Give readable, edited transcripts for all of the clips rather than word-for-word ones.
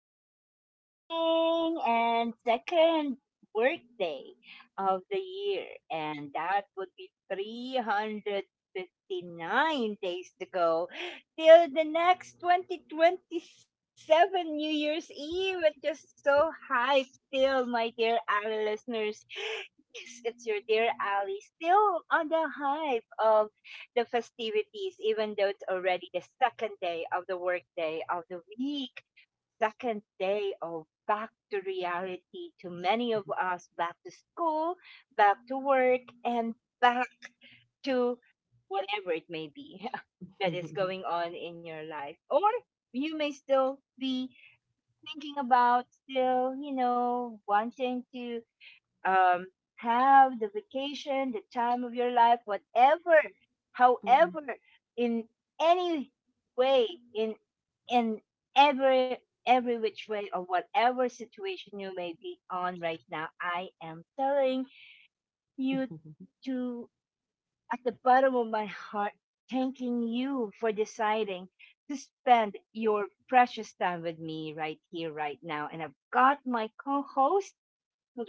Tuesday morning and second workday of the year. And that would be 359 days to go till the next 2027 New Year's Eve. I'm just so hyped still, my dear Ali listeners. Yes, it's your dear Ali, still on the hype of the festivities, even though it's already the second day of the workday of the week, second day of back to reality to many of us, back to school, back to work, and back to whatever it may be that 嗯 is 嗯 going 嗯 on in your life. Or you may still be thinking about still, wanting to um, have the vacation, the time of your life, whatever, 嗯嗯 however, in any way, in in every every which way or whatever situation you may be on right now, I am telling 嗯 you 嗯 to at the bottom of my heart, thanking you for deciding to spend your precious time with me right here, right now. And I've got my co-host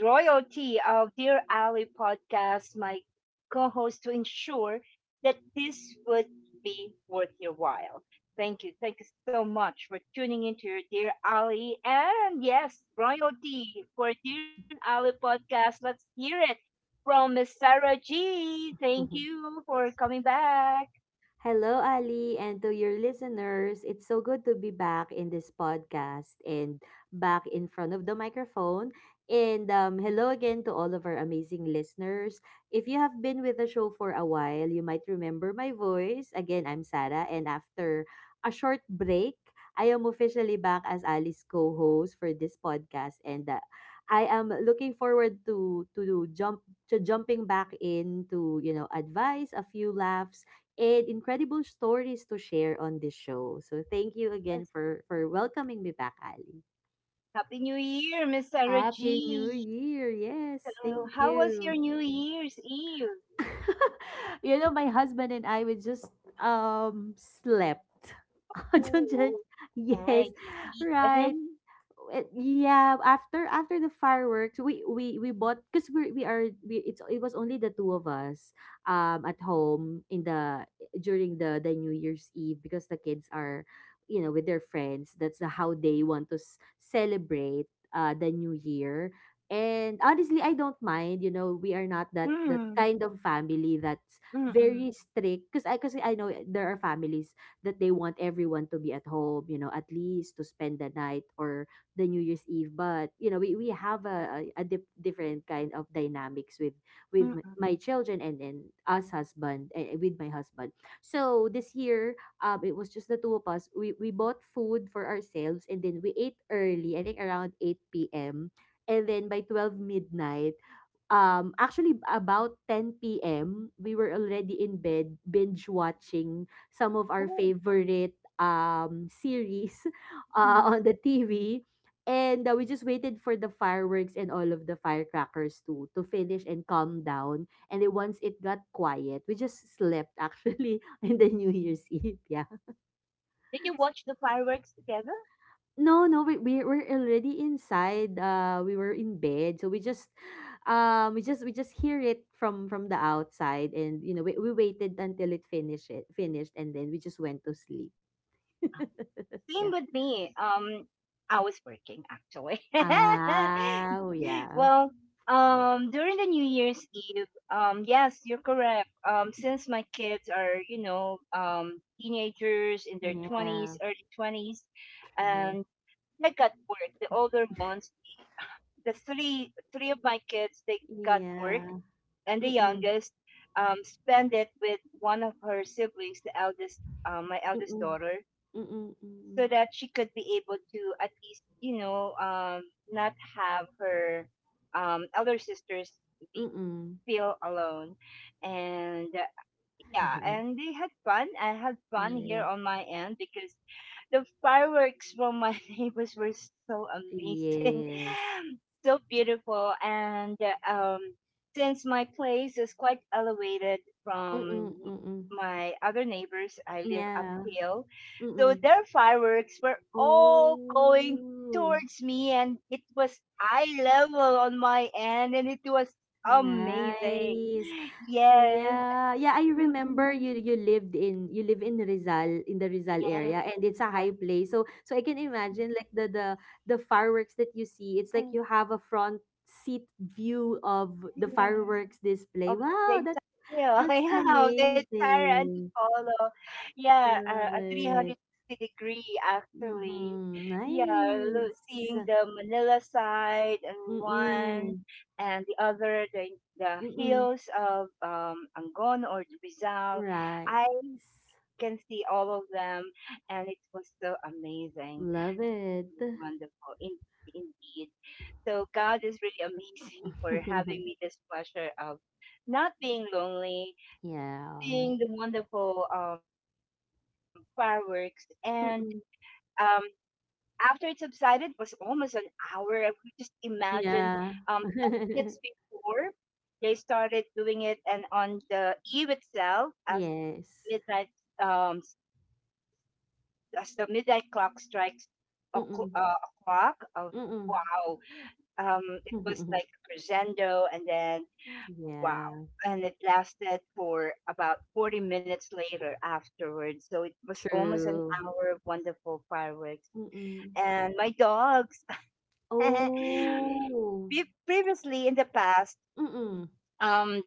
royalty of Dear Ally podcast, my co host, to ensure that this would be worth your while. Thank you. Thank you so much for tuning into your Dear Ally. And yes, royalty for Dear Ally podcast. Let's hear it from Miss Sarah G. Thank 嗯嗯 you for coming back. Hello, Ali, and to your listeners. It's so good to be back in this podcast and back in front of the microphone. And hello again to all of our amazing listeners. If you have been with the show for a while, you might remember my voice. Again, I'm Sarah, and after a short break, I am officially back as Ali's co-host for this podcast, and I am looking forward to jumping back in to advice, a few laughs and incredible stories to share on this show. So thank you again Yes, for welcoming me back, Ali. Happy New Year, Miss Sarah Happy New G. Year. Yes, So, thank how was you. your New Year's Eve? My husband and I, we just slept. Don't Ooh, judge. Yes, nice. right. Weekend. Yeah, after the fireworks, we bought because we are we it's it was only the two of us at home in the during the New Year's Eve, because the kids are, with their friends. That's how they want to celebrate the New Year. And honestly, I don't mind. We are not that Mm, that kind of family, that's mm-mm, very strict, because I know there are families that they want everyone to be at home, at least to spend the night or the New Year's Eve. But you know, we have a different kind of dynamics with with mm-mm. m- my children, and then with my husband. So this year, it was just the two of us. We bought food for ourselves, and then we ate early. I think around 8 p.m. And then by 12 midnight, actually, about 10 p.m., we were already in bed binge watching some of our Oh, favorite series mm. on the TV. And we just waited for the fireworks and all of the firecrackers to finish and calm down. And then once it got quiet, we just slept, actually. In the New Year's Eve. Yeah. Did you watch the fireworks together? No, no, we were already inside. We were in bed, so we just hear it from the outside, and we waited until it finished, and then we just went to sleep. Same Yeah. with me. I was working actually. Ah, oh, yeah, Well, during the New Year's Eve, yes, you're correct. Since my kids are, teenagers in their twenties, yeah, early 20s, true. and they got work. The older ones, the three of my kids, they got work, Yeah. and the Mm-mm, youngest spend it with one of her siblings, the eldest, my eldest mm-mm, daughter, mm-mm, so that she could be able to at least, not have her elder sisters be mm-mm, mm-mm. feel alone. And yeah, and they had fun. I had Yeah, fun yeah, yeah. here on my end because the fireworks from my neighbors were so amazing, Yes. so beautiful. And um, since my place is quite elevated Mm-mm, from mm-mm. my other neighbors, I live Yeah. uphill. So Mm-mm. their fireworks were all going Oh. towards me, and it was eye level on my end, and it was amazing. Nice. Yes. Yeah. Yeah, I remember you live in Rizal, in the Rizal Yes. area, and it's a high place. So I can imagine, like, the fireworks that you see. It's like you have a front seat view of the Yes, fireworks display. of the Wow, that entire, yeah, that's yeah, the entire amazing. Antipolo. Yeah, Love a it. 360 degree actually. Mm-hmm. Yeah, seeing Nice. the Manila side and one Mm-mm. and the other, the Mm-mm. hills of Angon or Rizal. Right. I Yes. can see all of them, and it was so amazing. Love it. Wonderful. Indeed, indeed. So God is really amazing for having me this pleasure of not being lonely, Yeah. seeing the wonderful fireworks. And um, Mm-mm. after it subsided, it was almost an hour. I could just imagine um, Yeah. 10 minutes before they started doing it. And on the eve itself, as Yes. midnight, um, as the midnight clock strikes a, cl- Mm-mm. uh, a clock, Mm-mm. wow, it was like crescendo and then wow. Yeah. And it lasted for about 40 minutes later afterwards. So it was almost an True. hour of wonderful fireworks. Mm-mm. And my dogs, Oh. previously in the past, Mm-mm. um,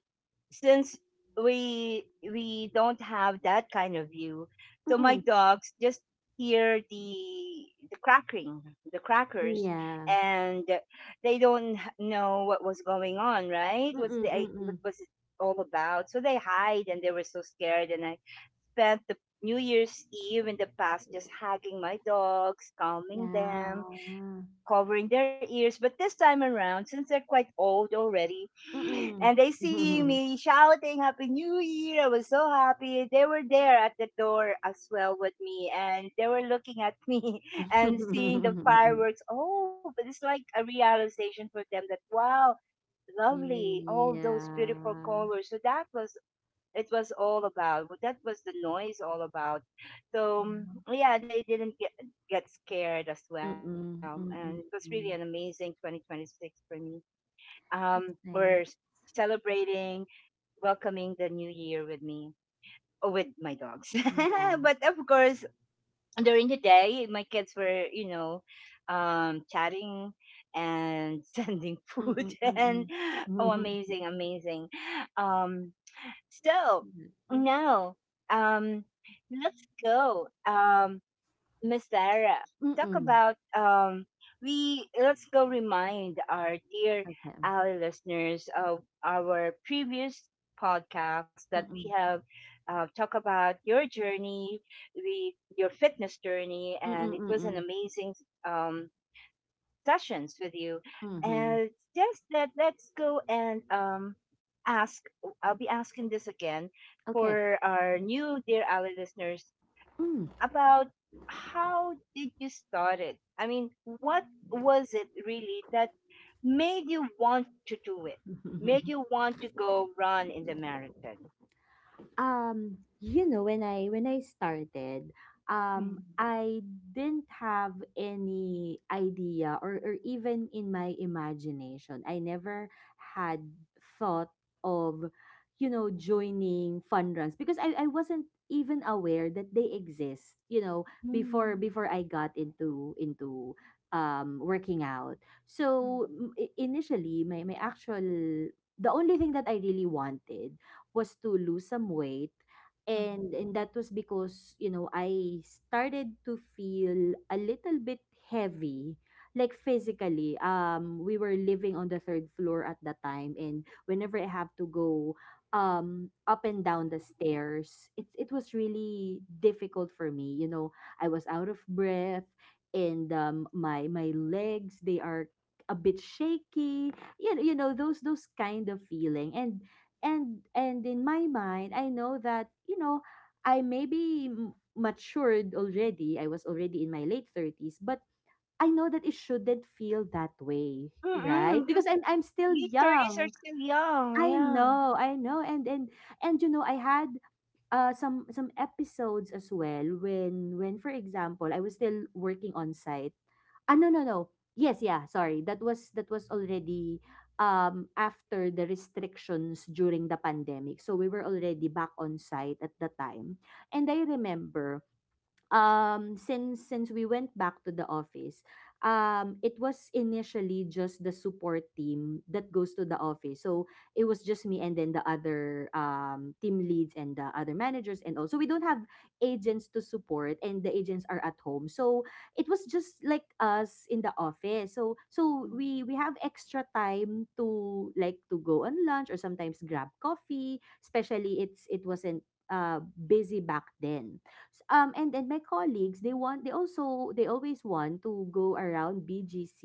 since we don't have that kind of view, so my Mm-mm. dogs just hear the cracking, the crackers, Yeah. and they don't know what was going on. Right? Mm-mm. What Mm-mm. was it all about? So they hide, and they were so scared. And I spent the New Year's Eve in the past just hugging my dogs, calming them, Yeah. covering their ears. But this time around, since they're quite old already, and they seeing Mm-mm. me shouting Happy New Year, I was so happy. They were there at the door as well with me, and they were looking at me and seeing the fireworks. Oh, but it's like a realization for them that wow. Lovely, all those Yeah. beautiful colors. So that was it was all about, what that was, the noise all about. So yeah, they didn't get scared as well, and it Mm-mm. was really an Mm-mm. amazing 2026 for me. um It's we're nice. celebrating, welcoming the new year with me or with my dogs, Yeah. but of course during the day my kids were chatting and sending food, Mm-mm. and Mm-mm. oh, amazing, amazing. um so, Maganda. now, um, let's go, Miss Sarah. Talk Mm, about, we. Let's go remind our dear okay. ally listeners of our previous podcast that we Mm. have talked about your journey, we your fitness journey, Mm, and it was an mm. amazing um, sessions with you. Mhm, And just that, let's go and ask. Oh, I'll be asking this again okay. for our new Dear Ally listeners Hmm. about how did you start it? I mean, what was it really that made you want to do it? Made you want to go run in the marathon? When I started, Mm, I didn't have any idea, or even in my imagination. I never had thought of, joining fun runs because I wasn't even aware that they exist, before mm, before I got into working out. So mm, initially, my actual the only thing that I really wanted was to lose some weight. and mm. and that was because, I started to feel a little bit heavy, like physically. We were living on the third floor at that time, and whenever I have to go up and down the stairs, it was really difficult for me. I was out of breath, and my legs, they are a bit shaky. You know, those kind of feeling. And in my mind I know that, I may be matured already. I was already in my late 30s, but I know that it shouldn't feel that way, right? Mm-mm, Because those I'm still these 30s young. are still I young, yeah. know, I know. And, I had some episodes as well, when for example I was still working on site. Ah, no, no, no. Yes, yeah, sorry. That was already, after the restrictions, during the pandemic. So we were already back on site at the time. And I remember, since we went back to the office, it was initially just the support team that goes to the office. So it was just me and then the other team leads and the other managers. And also, we don't have agents to support, and the agents are at home. So it was just like us in the office So we have extra time to, like, to go on lunch or sometimes grab coffee, especially it wasn't busy back then. And then my colleagues, they always want to go around BGC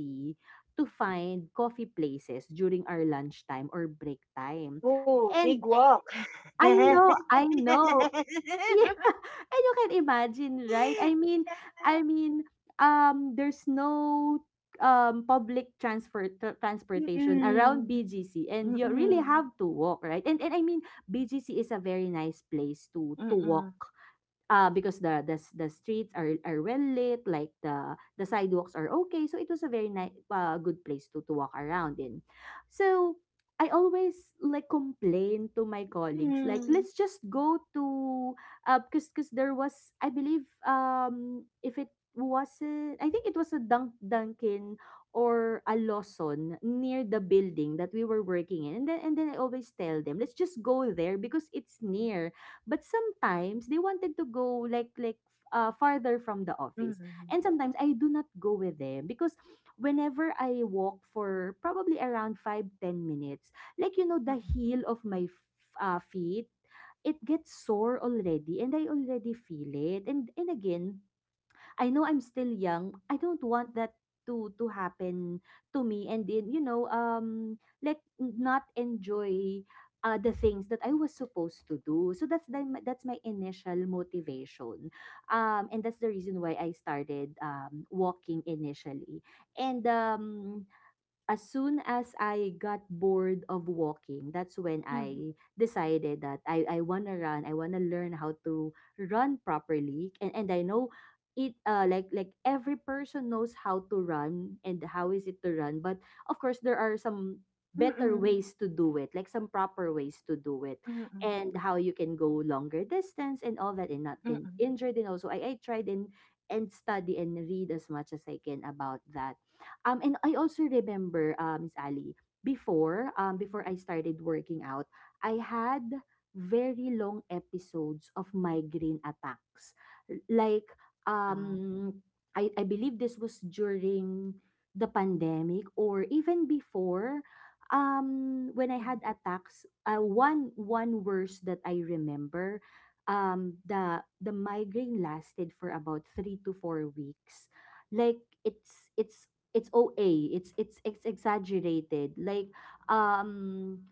to find coffee places during our lunchtime or break time. Oh, big and eh, walk. I Yeah. know, I know. Yeah. And you can imagine, right? I mean, there's no public transportation around Mm-mm. BGC, and you really have Mm-mm. to walk, right? And, I mean, BGC is a very nice place to walk. Mm-mm. Because the streets are well lit, like the sidewalks are okay. So it was a very nice, good place to walk around in. So I always, like, complain to my colleagues, like, Mm. let's just go to — because there was, I believe, if it wasn't, I think it was a Dunkin or a Lawson near the building that we were working in, and then I always tell them, let's just go there because it's near. But sometimes they wanted to go, like farther from the office. Mm-mm. And sometimes I do not go with them because whenever I walk for probably around 5, 10 minutes, like, the heel of my feet, it gets sore already, and I already feel it. And again, I know I'm still young. I don't want that to happen to me, and then, like, not enjoy the things that I was supposed to do. So that's the that's my initial motivation. And that's the reason why I started walking initially. And, as soon as I got bored of walking, that's when Mm-mm. I decided that I wanna run. I wanna learn how to run properly. And I know, it like every person knows how to run and how is it to run. But of course, there are some better Mm-mm. ways to do it, like some proper ways to do it. Mm-mm. And how you can go longer distance and all that and not Mm-mm. get injured. And also, I tried and study and read as much as I can about that. And I also remember, Miss Ali, before I started working out, I had very long episodes of migraine attacks. Ah. Like, um, I believe this was during the pandemic or even before. Mm. When I had attacks, one worse that I remember, the migraine lasted for about 3 to 4 weeks. like it's it's it's OA. It's exaggerated. Like um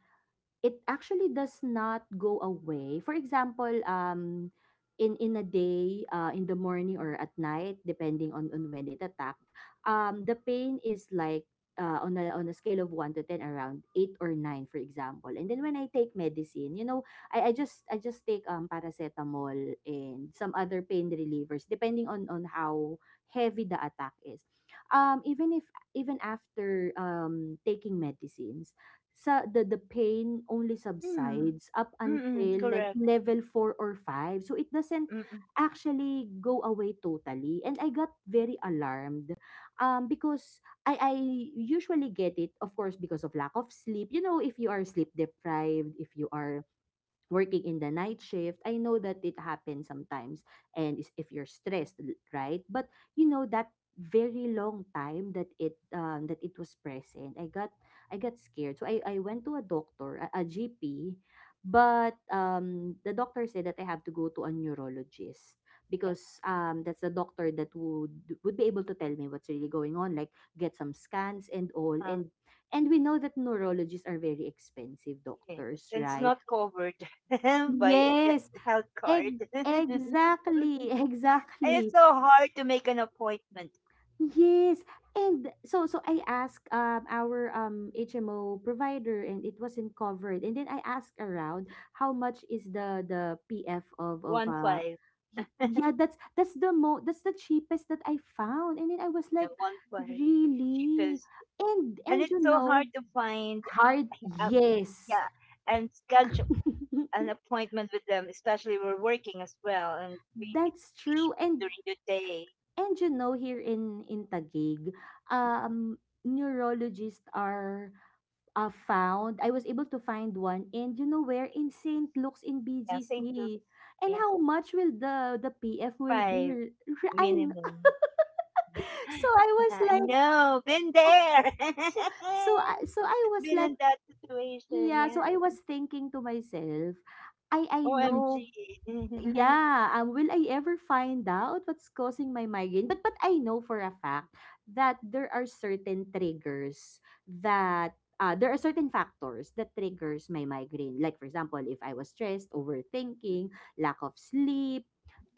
it actually does not go away. For example, in a day, in the morning or at night, depending on when it attacked, the pain is like, on a scale of 1 to 10, around 8 or 9, for example. And then when I take medicine, you know, I just take paracetamol and some other pain relievers, depending on how heavy the attack is. Even if — even after taking medicines, sa the pain only Mm. subsides up Mm-mm. until, Correct. like, level 4 or 5. So it doesn't Mm-mm. actually go away totally. And I got very alarmed, because I usually get it, of course, because of lack of sleep. You know, if you are sleep deprived, if you are working in the night shift, I know that it happens sometimes and if you're stressed, right, but you know that very long time that it was present, I got I got scared, so I went to a doctor, a GP, but the doctor said that I have to go to a neurologist Yes. because that's the doctor that would be able to tell me what's really going on, like get some scans and all. Uh, And we know that neurologists are very expensive yes. doctors, It's right? not covered by the Yes, health ex card. exactly, And it's exactly. so hard to make an appointment. Yes. And so so I asked our HMO provider, and it wasn't covered. And then I asked around how much is the PF of of One uh five. Yeah, that's the mo that's the cheapest that I found. And then I was like, Yeah, one really? cheapest, and And you it's so know, hard to find. hard, um, yes. yeah, and schedule an appointment with them, especially we're working as well, and we need That's to true. sleep And during the day. And you know, here in Taguig, Mhm. um, neurologists are found. I was able to find one, and you know where? In Saint Luke's in Yeah, same to BGC, and yeah, how much will the PF will five be? I kn- minimum. so I Yeah, I was like, know, been oh, there, so so I was been like, in that situation. yeah. So Yeah, I was thinking to myself, I know. OMG, Mhm. Mhm, Yeah, will I ever find out what's causing my migraine? But I know for a fact that there are certain triggers, that there are certain factors that triggers my migraine. Like for example, if I was stressed, overthinking, lack of sleep,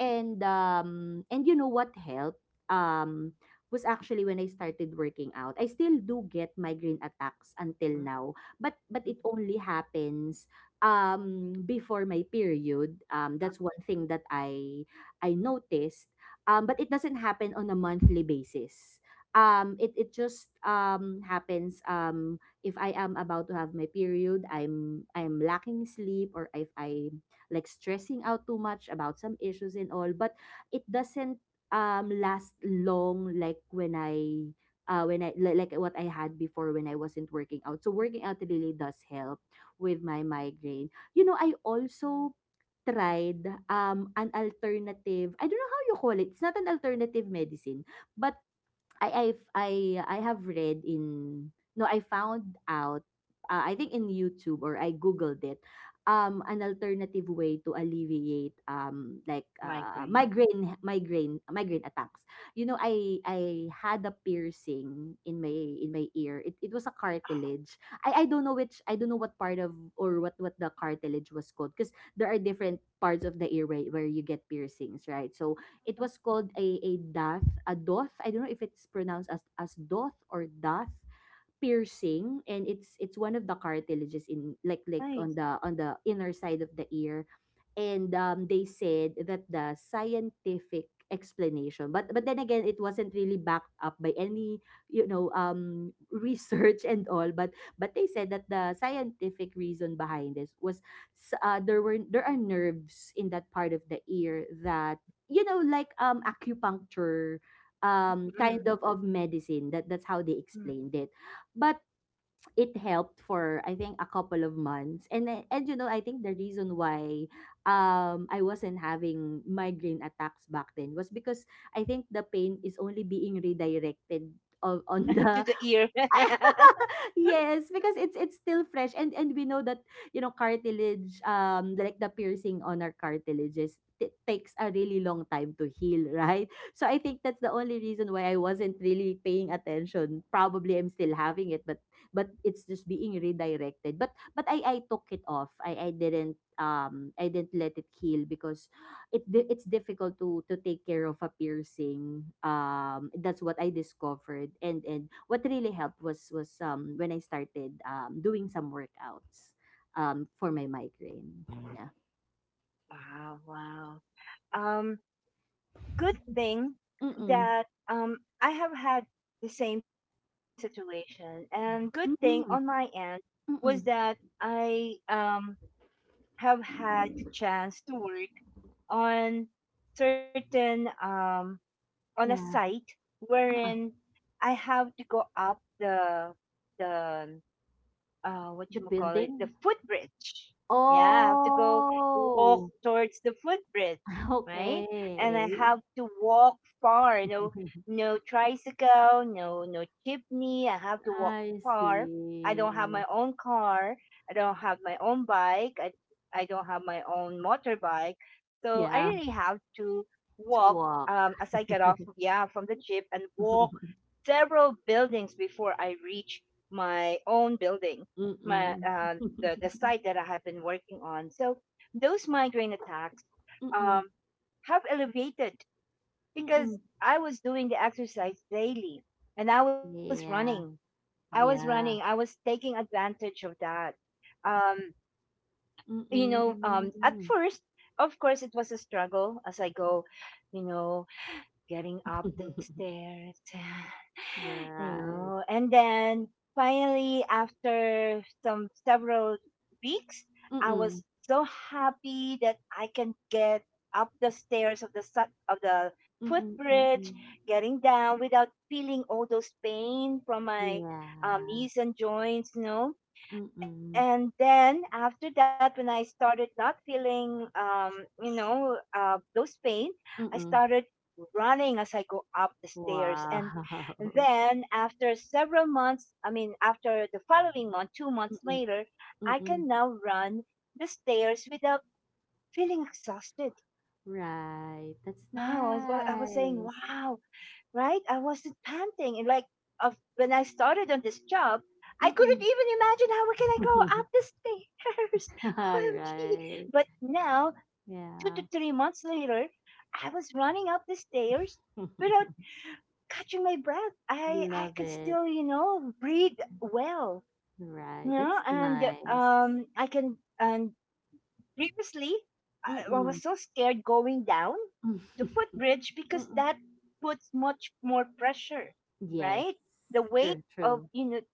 and you know what helped um was actually when I started working out. I still do get migraine attacks until mhm. now, but it only happens before my period. That's Um, one thing that I noticed, but it doesn't happen on a monthly basis. It just happens if I am about to have my period, I'm lacking sleep, or if I'm like stressing out too much about some issues and all. But it doesn't last long like when I li- like what I had before when I wasn't working out. So working out really does help with my migraine. You know, I also tried an alternative, I don't know how you call it, it's not an alternative medicine, but I I've, I I have read in, no, I found out, I think in YouTube, or I googled it, an alternative way to alleviate migraine. Migraine attacks. You know, I had a piercing in my ear. It was a cartilage. I don't know which, I don't know what part of, or what the cartilage was called, because there are different parts of the ear where you get piercings, right? So it was called a doth, a doth. I don't know if it's pronounced as doth or doth. Piercing, and it's one of the cartilages in like Nice. On the inner side of the ear. And they said that the scientific explanation, but then again, it wasn't really backed up by any, you know, research and all. But they said that the scientific reason behind this was there were, there are nerves in that part of the ear that, you know, like acupuncture Mm-mm. kind of medicine. That that's how they Hmm. explained it. But it helped for I think a couple of months. And and you know, I think the reason why I wasn't having migraine attacks back then was because I think the pain is only being redirected on To the the ear. yes, because it's still fresh. And we know that, you know, cartilage, like the piercing on our cartilages, it takes a really long time to heal, right? So I think that's the only reason why I wasn't really paying attention. Probably I'm still having it, but it's just being redirected. But I took it off. I I didn't let it heal because it's difficult to take care of a piercing. That's what I discovered, and what really helped was when I started doing some workouts, for my migraine. Yeah. Wow, wow. Um, good thing Mm-mm. that I have had the same situation, and good thing Mm-mm. on my end Mm-mm. was that I have had the chance to work on certain, on a Yeah. site Uh-uh. wherein I have to go up the what The you call it, the building. footbridge. Yeah, I have to go walk Oh. towards the footbridge, right? And I Okay. have to walk far. No, no tricycle, no, no jeepney. I have to walk I far. I don't have my see. own car. I don't have my own bike. I don't have my own motorbike. So I Yeah. really have to To walk walk. As I get off, yeah, from the jeep, and walk several buildings before I reach my own building, my Mm-mm. The site that I have been working on. So those migraine attacks Mm-mm. um, have elevated because Mm-mm. I was doing the exercise daily, and I was running. Yeah, I was yeah. running. I was taking advantage of that. Um, at Mm-mm. first, of course, it was a struggle as I go. You know, getting up the stairs, Right. And then finally after some several weeks, I Mm-mm. was so happy that I can get up the stairs of the Mm-mm. Mm-mm. footbridge, getting down without feeling all those pain from my Yeah. knees and joints. Mm-mm. And then after that, when I started not feeling those pain, I Mm-mm. started running as I go up the stairs, and Wow. then after several months, I mean after the following month, two months Mm-mm. later I Mm-mm. can now run the stairs without feeling exhausted. Right. That's Wow, I was saying nice. wow, right? I wasn't panting. And like of when I started on this job, I couldn't Mm-mm. even imagine how can I go up the stairs. All OMG. right. But now, two Yeah. to three months later, I was running up the stairs without catching my breath. I Love could it. still, breathe well. You Right. know, That's and nice. I can, and previously I Mm-mm. was so scared going down the footbridge because Mm-mm. that puts much more pressure, Yes. right? The weight True, of true.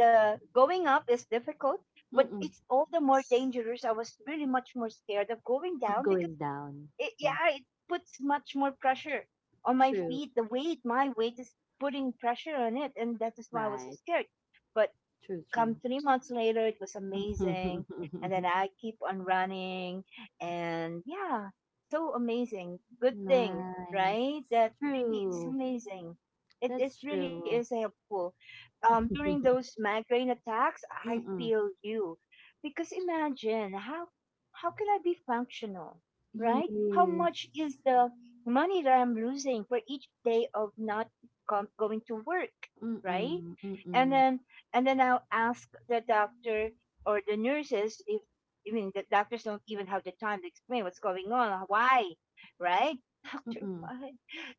the going up is difficult, but Mm-mm. it's all the more dangerous. I was really much more scared of going Of down because going down. Yeah, Yeah. it puts much more pressure on my True. feet. The weight, my weight is putting pressure on it, and that is why I was so Right. scared. But True, come true. 3 months later, it was amazing. And then I keep on running. And yeah, so amazing. Good thing, right? Nice. That really, it's True. amazing. It That's is really true. is helpful. During those migraine attacks, I Mm-mm. feel you. Because imagine how can I be functional, right? How Yes. much is the money that I'm losing for each day of not going to work, right? Mm-mm. And Mm-mm. then I'll ask the doctor or the nurses if, I mean, the doctors don't even have the time to explain what's going on, why, right? Doctor, Mm-mm. why,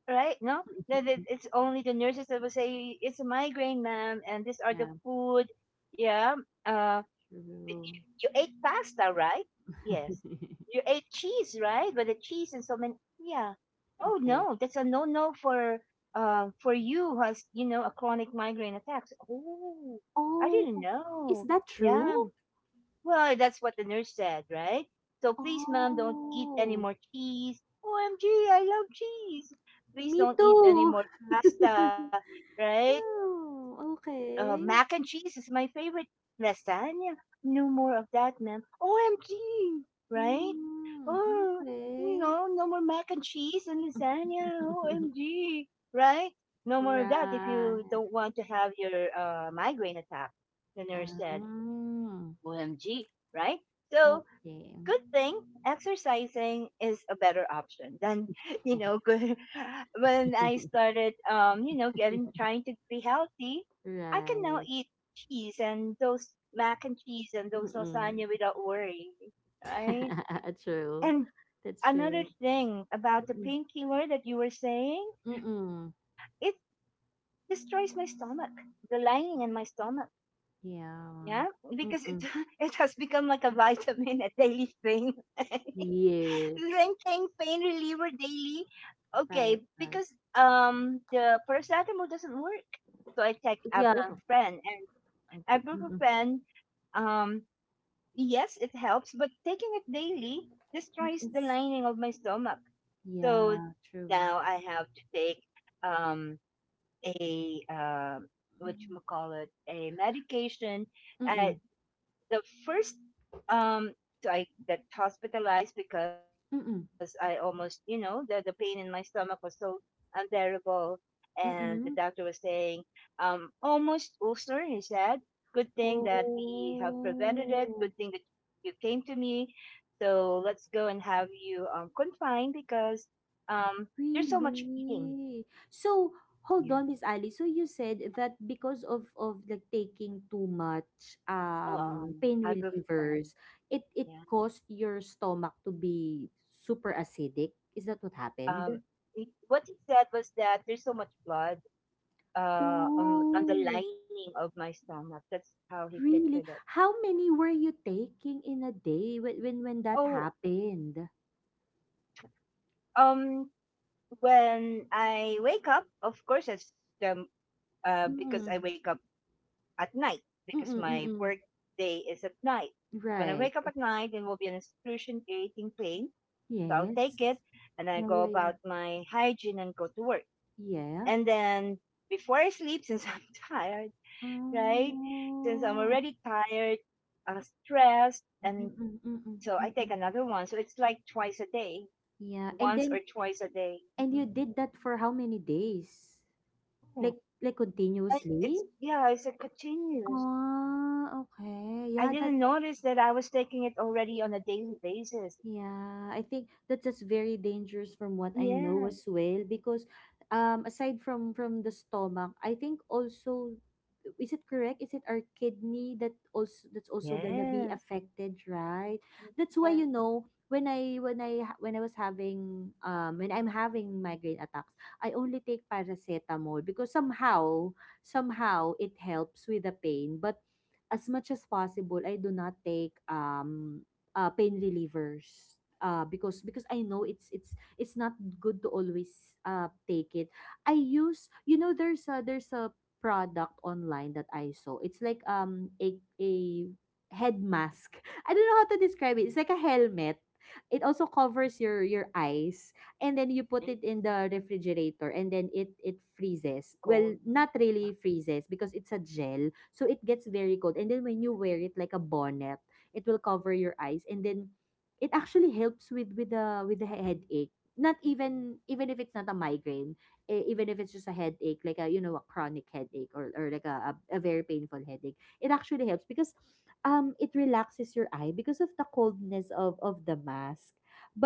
right? No, that it's only the nurses that will say it's a migraine, ma'am, and these are the Yeah. food, yeah, um, True. you ate pasta, right? Yes. You ate cheese, right? But the cheese, and so many. Yeah. Oh Okay. no, that's a no-no for you who has a chronic migraine attack. Oh, I Oh, didn't is know. that true? Yeah, well, that's what the nurse said, right? So please, ma'am, don't eat any Oh, more cheese. OMG, I love cheese. Please me don't eat any too. more pasta, right? Mac and Oh, cheese is my okay. favorite. Lasagna, no more of that, ma'am. OMG, right? Oh, Mm, no more okay. mac and cheese and lasagna. OMG, right? No more of that if you don't Right. want to have your migraine attack, the nurse said. Um, OMG, right? So okay. good thing exercising is a better option than good when I started getting trying to be healthy, I can now Right. eat cheese and those mac and cheese and those Mm-mm. lasagna without worry, right? True. And That's another true. thing about the Mm-mm. painkiller that you were saying, it Mm-mm. destroys my stomach, the lining in my stomach. Yeah, Yeah. because it Mm-mm. it has become like a vitamin, a daily thing. Yes. Drinking pain reliever daily. Okay, Right, right. because the paracetamol doesn't work, so I take Yeah. ibuprofen, and mm-mm. ibuprofen, um yes it helps, but taking it daily Mm, destroys the it's lining of my stomach. So yeah, true. now I have to take, um a, what Mm-mm. you call it, a medication, uh, Mm-mm. the first, um so I got hospitalized because I almost, Mm-mm. The pain in my stomach was so unbearable, and the doctor was Mm-mm. saying almost ulcer. He said, "Good thing that we have prevented it. Good Oh, thing that you came to me. So let's go and have you confined because um there's so much bleeding." really? So hold Yeah. on, Miss Ali. So you said that because of like taking too much pain Ibuprofen. relievers, it Yeah. caused your stomach to be super acidic. Is that what happened? Um. What he said was that there's so much blood on the Oh, lining of my stomach. That's how he pictured really? it. How many were you taking in a day when when that Oh, happened? um, when I wake up, of course, it's, um, because Mm. I wake up at night because Mm-mm, my work mm-mm. day is at night. When I Right. wake up at night, it will be an excruciating pain. So I'll Yes. take it and I Yeah, go yeah, yeah. about my hygiene and go to work. Yeah. And then before I sleep, since I'm tired, right? Since I'm Oh. already tired, stressed, Mhm, and mm, mm, mm, so I mm, take mm. another one. So it's like twice a day, Yeah. And once or then twice a day. and you Mhm. did that for how many days? Oh, Like continuously? it's, yeah, it's a continuous. Oh, okay. I Yeah, that. didn't notice that I was taking it already on a daily basis. Yeah, I think that's just very dangerous from what I know Yes, as well, because aside from the stomach, I think also, is it correct? Is it our kidney that also, that's also gonna be yes, affected, right? That's why, yes. you know, when I when when I was having when I'm having migraine attacks, I only take paracetamol because somehow somehow it helps with the pain. But as much as possible, I do not take pain relievers, because I know it's not good to always take it. I use, you know, there's a product online that I saw. It's like a head mask. I don't know how to describe it. It's like a helmet. It also covers your eyes, and then you Nice put it in the refrigerator, and then it freezes. cold. Well, not really freezes because it's a gel. So it gets very cold, and then when you wear it like a bonnet, it will cover your eyes, and then it actually helps with the headache, not even, even if it's not a migraine, even if it's just a headache, like a, you know, a chronic headache, or like a very painful headache, it actually helps because it relaxes your eye because of the coldness of the mask,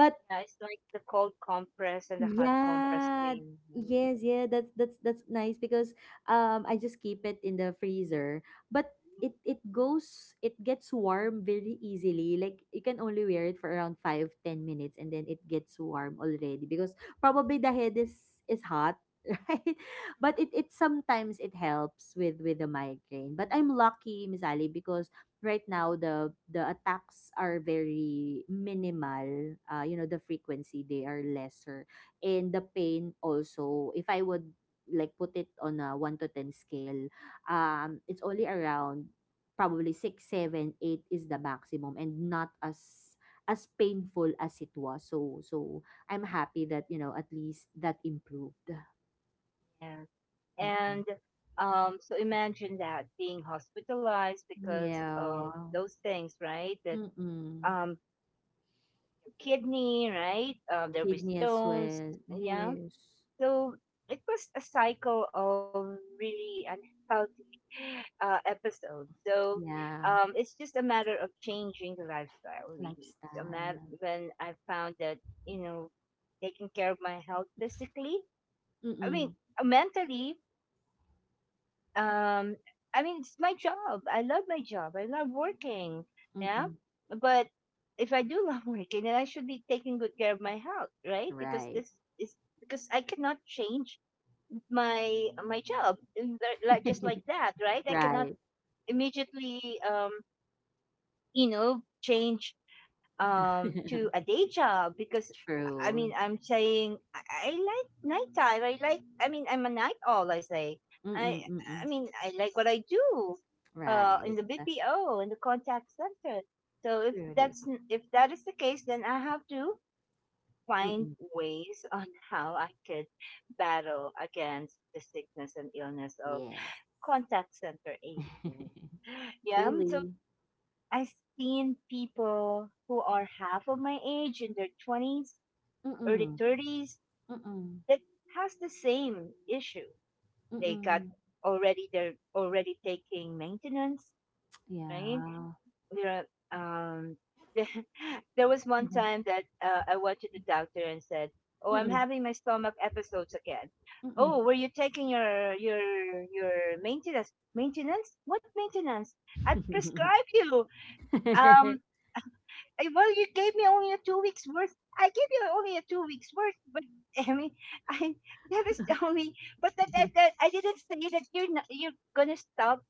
Yeah, it's like the cold compress and the hot compress thing. yeah. Yes, yeah, that's nice because I just keep it in the freezer. But Right? it goes, it gets warm very easily. Like you can only wear it for around 5, 10 minutes, and then it gets warm already because probably the head is hot, right? But it sometimes it helps with the migraine. But I'm lucky, Miss Ali, because right now the attacks are very minimal. Uh, you know, the frequency, they are lesser, and the pain also, if I would like put it on a 1 to 10 scale, it's only around probably 6, 7, 8 is the maximum, and not as as painful as it was. So so I'm happy that, you know, at least that improved. Yes, Mm-mm. and so imagine that being hospitalized because of Yeah. those things, right? That, Mm-mm. um, kidney, right? There were Kidney as stones, well, yeah. yes. So it was a cycle of really unhealthy, episodes. So, Yeah. It's just a matter of changing the lifestyle, really. It's a matter Lifestyle. when I found that, you know taking care of my health physically, I mean, Mm-mm. Mentally, um I mean, it's my job, I love my job, I love working, yeah. Mm-mm. But if I do love working, then I should be taking good care of my health, right? Because this Right. is, because I cannot change my job like just like that, right? I cannot Right. immediately, change, to a day job, because I True. mean I'm saying, I like nighttime. I mean I'm a night owl, I say. I Mm, I mm. mean I like what I do in Right. the Uh, BPO, in the contact center. So if Truly. If that is the case, then I have to find Mm. ways on how I could battle against the sickness and illness of Yes. contact center agents. Yeah, so Truly. I've seen people who are half of my age, in their 20s, early Mm. 30s, Mm. that has the same issue. They got Mm. They're already taking maintenance, right? Yeah. You know, um there there was one Mhm. time that, I went to the doctor and said, "Oh, I'm Mm. having my stomach episodes again." Oh, were you taking your your maintenance? What maintenance? I prescribed you Mm. um well, you gave me only a 2 weeks worth. I gave you only a 2 weeks worth, but I mean, I that is the only. But that, that, that I didn't say that you're not, you're gonna stop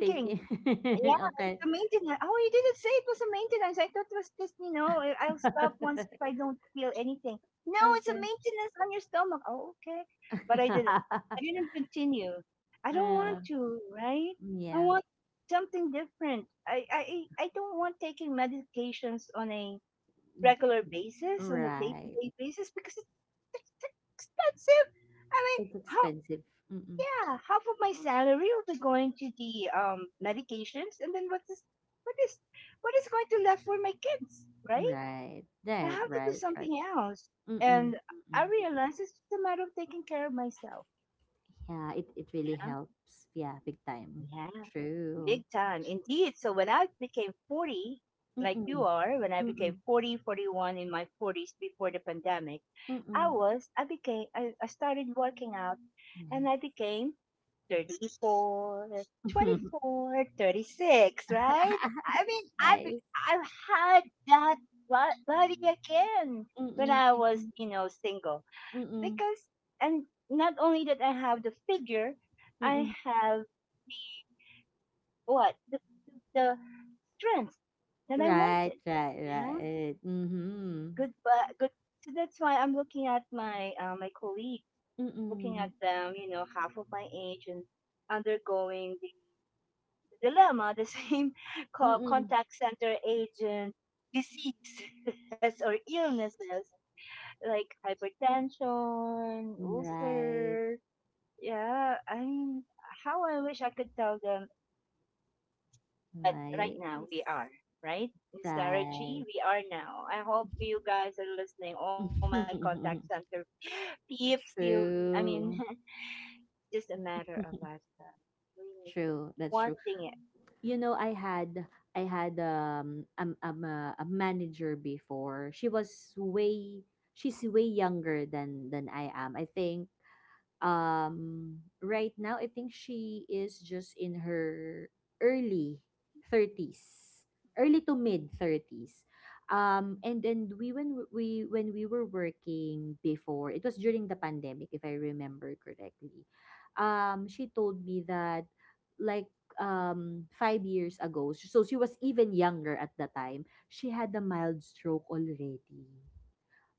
Take it. Yeah, Okay. it's a maintenance. Oh, you didn't say it was a maintenance. I thought it was just, I'll stop once if I don't feel anything. No, it's a Okay. maintenance on your stomach. Oh, okay. But I didn't. I didn't continue. I don't Uh, want to, right? I yeah. want something different. I don't want taking medications on a regular basis, on a Right. day-to-day basis, because it's expensive. I mean, It's how expensive. Mm. yeah, half of my salary will be going to the, medications, and then what is what is going to left for my kids, right? Right. I That have to do right. Right. something else, Mm. Mm. and I realize it's just a matter of taking care of myself. Yeah, it really Yeah, helps. Yeah, big time. yeah, big True. time indeed. So when I became 40, like you Mm-mm. are, when I Mm-mm. became 40, 41, in my forties before the pandemic, Mm-mm. I started working out, and I Nice. became 34, twenty four, 36, right? I mean, I've, Nice. I've had that body again when Mm-mm. I was, Mm-mm. Single. Mm-mm. Because, and not only that I have the figure, I Mm-mm. have the, what? The strength that I Right, wanted. right, Yeah. right. Mm-hmm. Good, but good. So that's why I'm looking at my colleagues, looking at Mm-mm. them, half of my age and undergoing the dilemma, the same co- Mm-mm. contact center agent disease or illnesses, like hypertension, Right. ulcer. Yeah, I mean, how I wish I could tell them, but right now we Nice. are, right? Miss Sarah Right. G, we are now. I hope you guys are listening. All my contact center peeps, you, I mean, True. it's just a matter of lifestyle. Really True. That's true. wanting it. You know, I had, I had a manager before. She was way, she's way younger than I am. I think right now, I think she is just in her early 30s, early to mid 30s. And then we, when we, when we were working before, it was during the pandemic, if I remember correctly. She told me that, like, 5 years ago, so she was even younger at the time. She had a mild stroke already,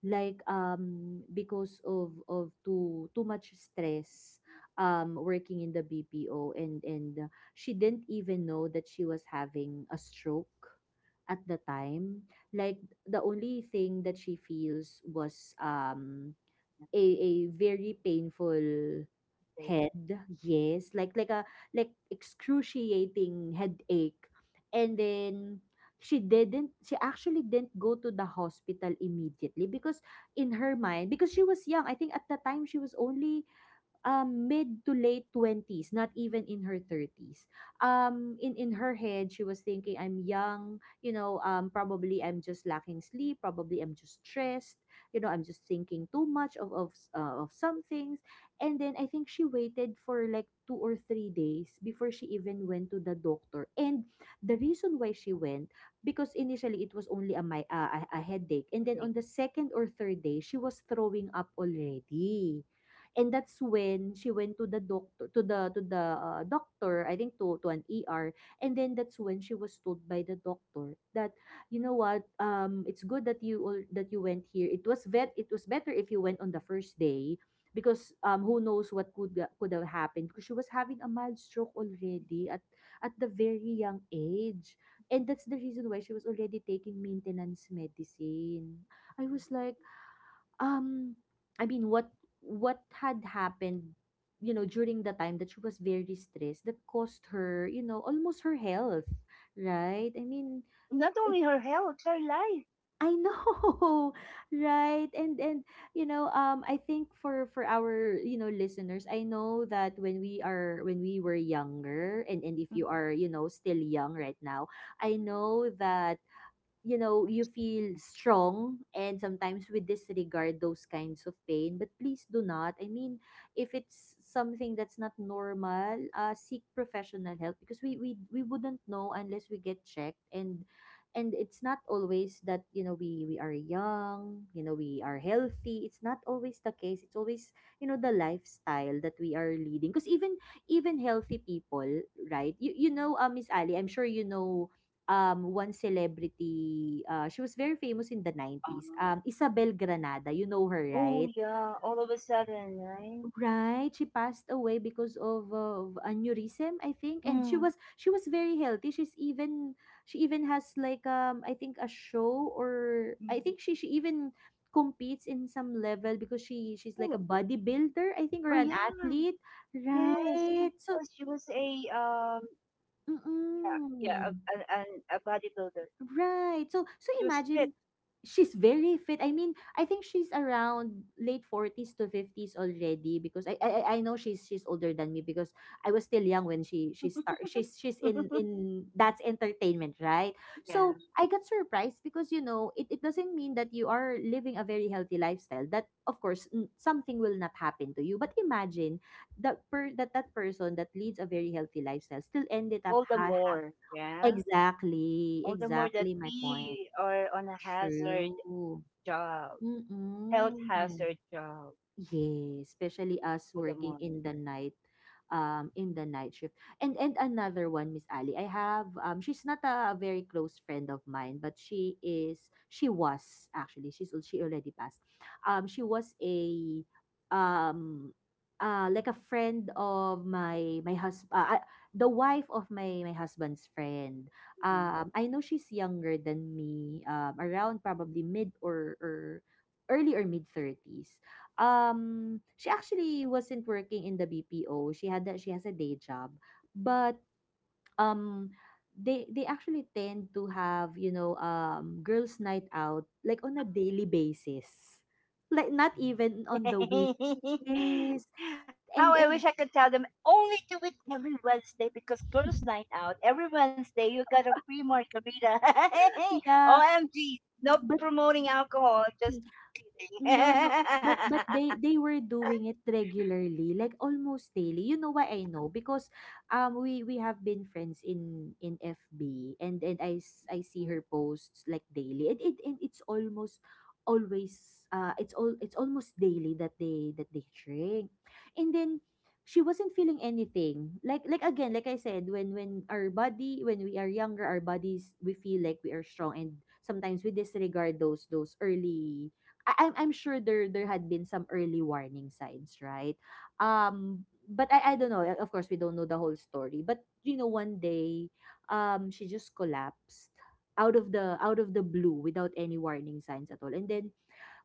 like because of too too much stress working in the BPO. And she didn't even know that she was having a stroke at the time, like the only thing that she feels was a very painful head, yes, like a like excruciating headache. And then she didn't, she actually didn't go to the hospital immediately because in her mind, because she was young. I think at the time she was only mid to late 20s, not even in her 30s. In her head, she was thinking, I'm young, you know, probably I'm just lacking sleep, probably I'm just stressed, you know, I'm just thinking too much of some things. And then I think she waited for like 2 or 3 days before she even went to the doctor. And the reason why she went, because initially it was only a, my, a headache. And then on Headache. the second or third day, she was throwing up already. And that's when she went to the doctor, to the doctor, I think, to an ER. And then that's when she was told by the doctor that, you know what, it's good that you went here. It was better if you went on the first day, because who knows what could have happened, because she was having a mild stroke already at the very young age. And that's the reason why she was already taking maintenance medicine. I was like, um, I mean, what had happened, you know, during the time that she was very stressed, that cost her, you know, almost her health, right? I mean, Not only her it. health, her life. I know, right? And you know, I think for our listeners, I know that when we were younger, and if you are still young right now, I know that, you feel strong and sometimes we disregard those kinds of pain. But please do not. I mean, if it's something that's not normal, seek professional help, because we wouldn't know unless we get checked. And it's not always that, we are young, we are healthy. It's not always the case. It's always, the lifestyle that we are leading. Because even healthy people, right? You know, Miss Ali, I'm sure you know, one celebrity, she was very famous in the 90s. Um, Isabel Granada, you know her, oh, right? yeah, all of a sudden, right? Right, she passed away because of aneurysm, I think, and she Mm. was she was very healthy. She even has like I think a show, or I think Mhm. she even competes in some level, because she's like Oh, a bodybuilder, I think, oh or an yeah, athlete, yes, she right? So, was. She was a, yeah, yeah, mm-mm. a bodybuilder. Right. So She was fit. imagine, she's very fit. I mean, I think she's around late 40s to 50s already, because I know she's older than me, because I was still young when she start she's in that's entertainment, right? Yeah. So I got surprised, because you know, it doesn't mean that you are living a very healthy lifestyle, that, of course, something will not happen to you. But imagine, that per that that person that leads a very healthy lifestyle still ended up All the more, yeah, exactly, all the more that exactly my point. we are on a hazard True. job, health Mm. hazard job. Yes, especially us All the working more. in the night, shift. And another one, Miss Ali, I have, she's not a very close friend of mine, but she is, she was actually, she's al- she already passed. She was um, like a friend of my husband, the wife of my husband's friend. Mm-hmm. I know she's younger than me, around probably mid or early or mid 30s. She actually wasn't working in the BPO. She had that She has a day job. But um they actually tend to have, girls night out like on a daily basis. Like not even on the week. Yes. How And I wish and I could tell them, only do it every Wednesday, because girls' night out every Wednesday you got a free margarita. yeah, OMG, no but promoting alcohol, just no, no. kidding. But they were doing it regularly, like almost daily. You know why I know? Because we have been friends in FB, and I see her posts like daily. And it's almost always it's all it's almost daily that they drink. And then she wasn't feeling anything. Like again, like I said, when our body when we are younger, our bodies, we feel like we are strong, and sometimes we disregard those early, I'm sure there had been some early warning signs, right? But I don't know. Of course, we don't know the whole story. But you know, one day, she just collapsed, out of the blue without any warning signs at all. And then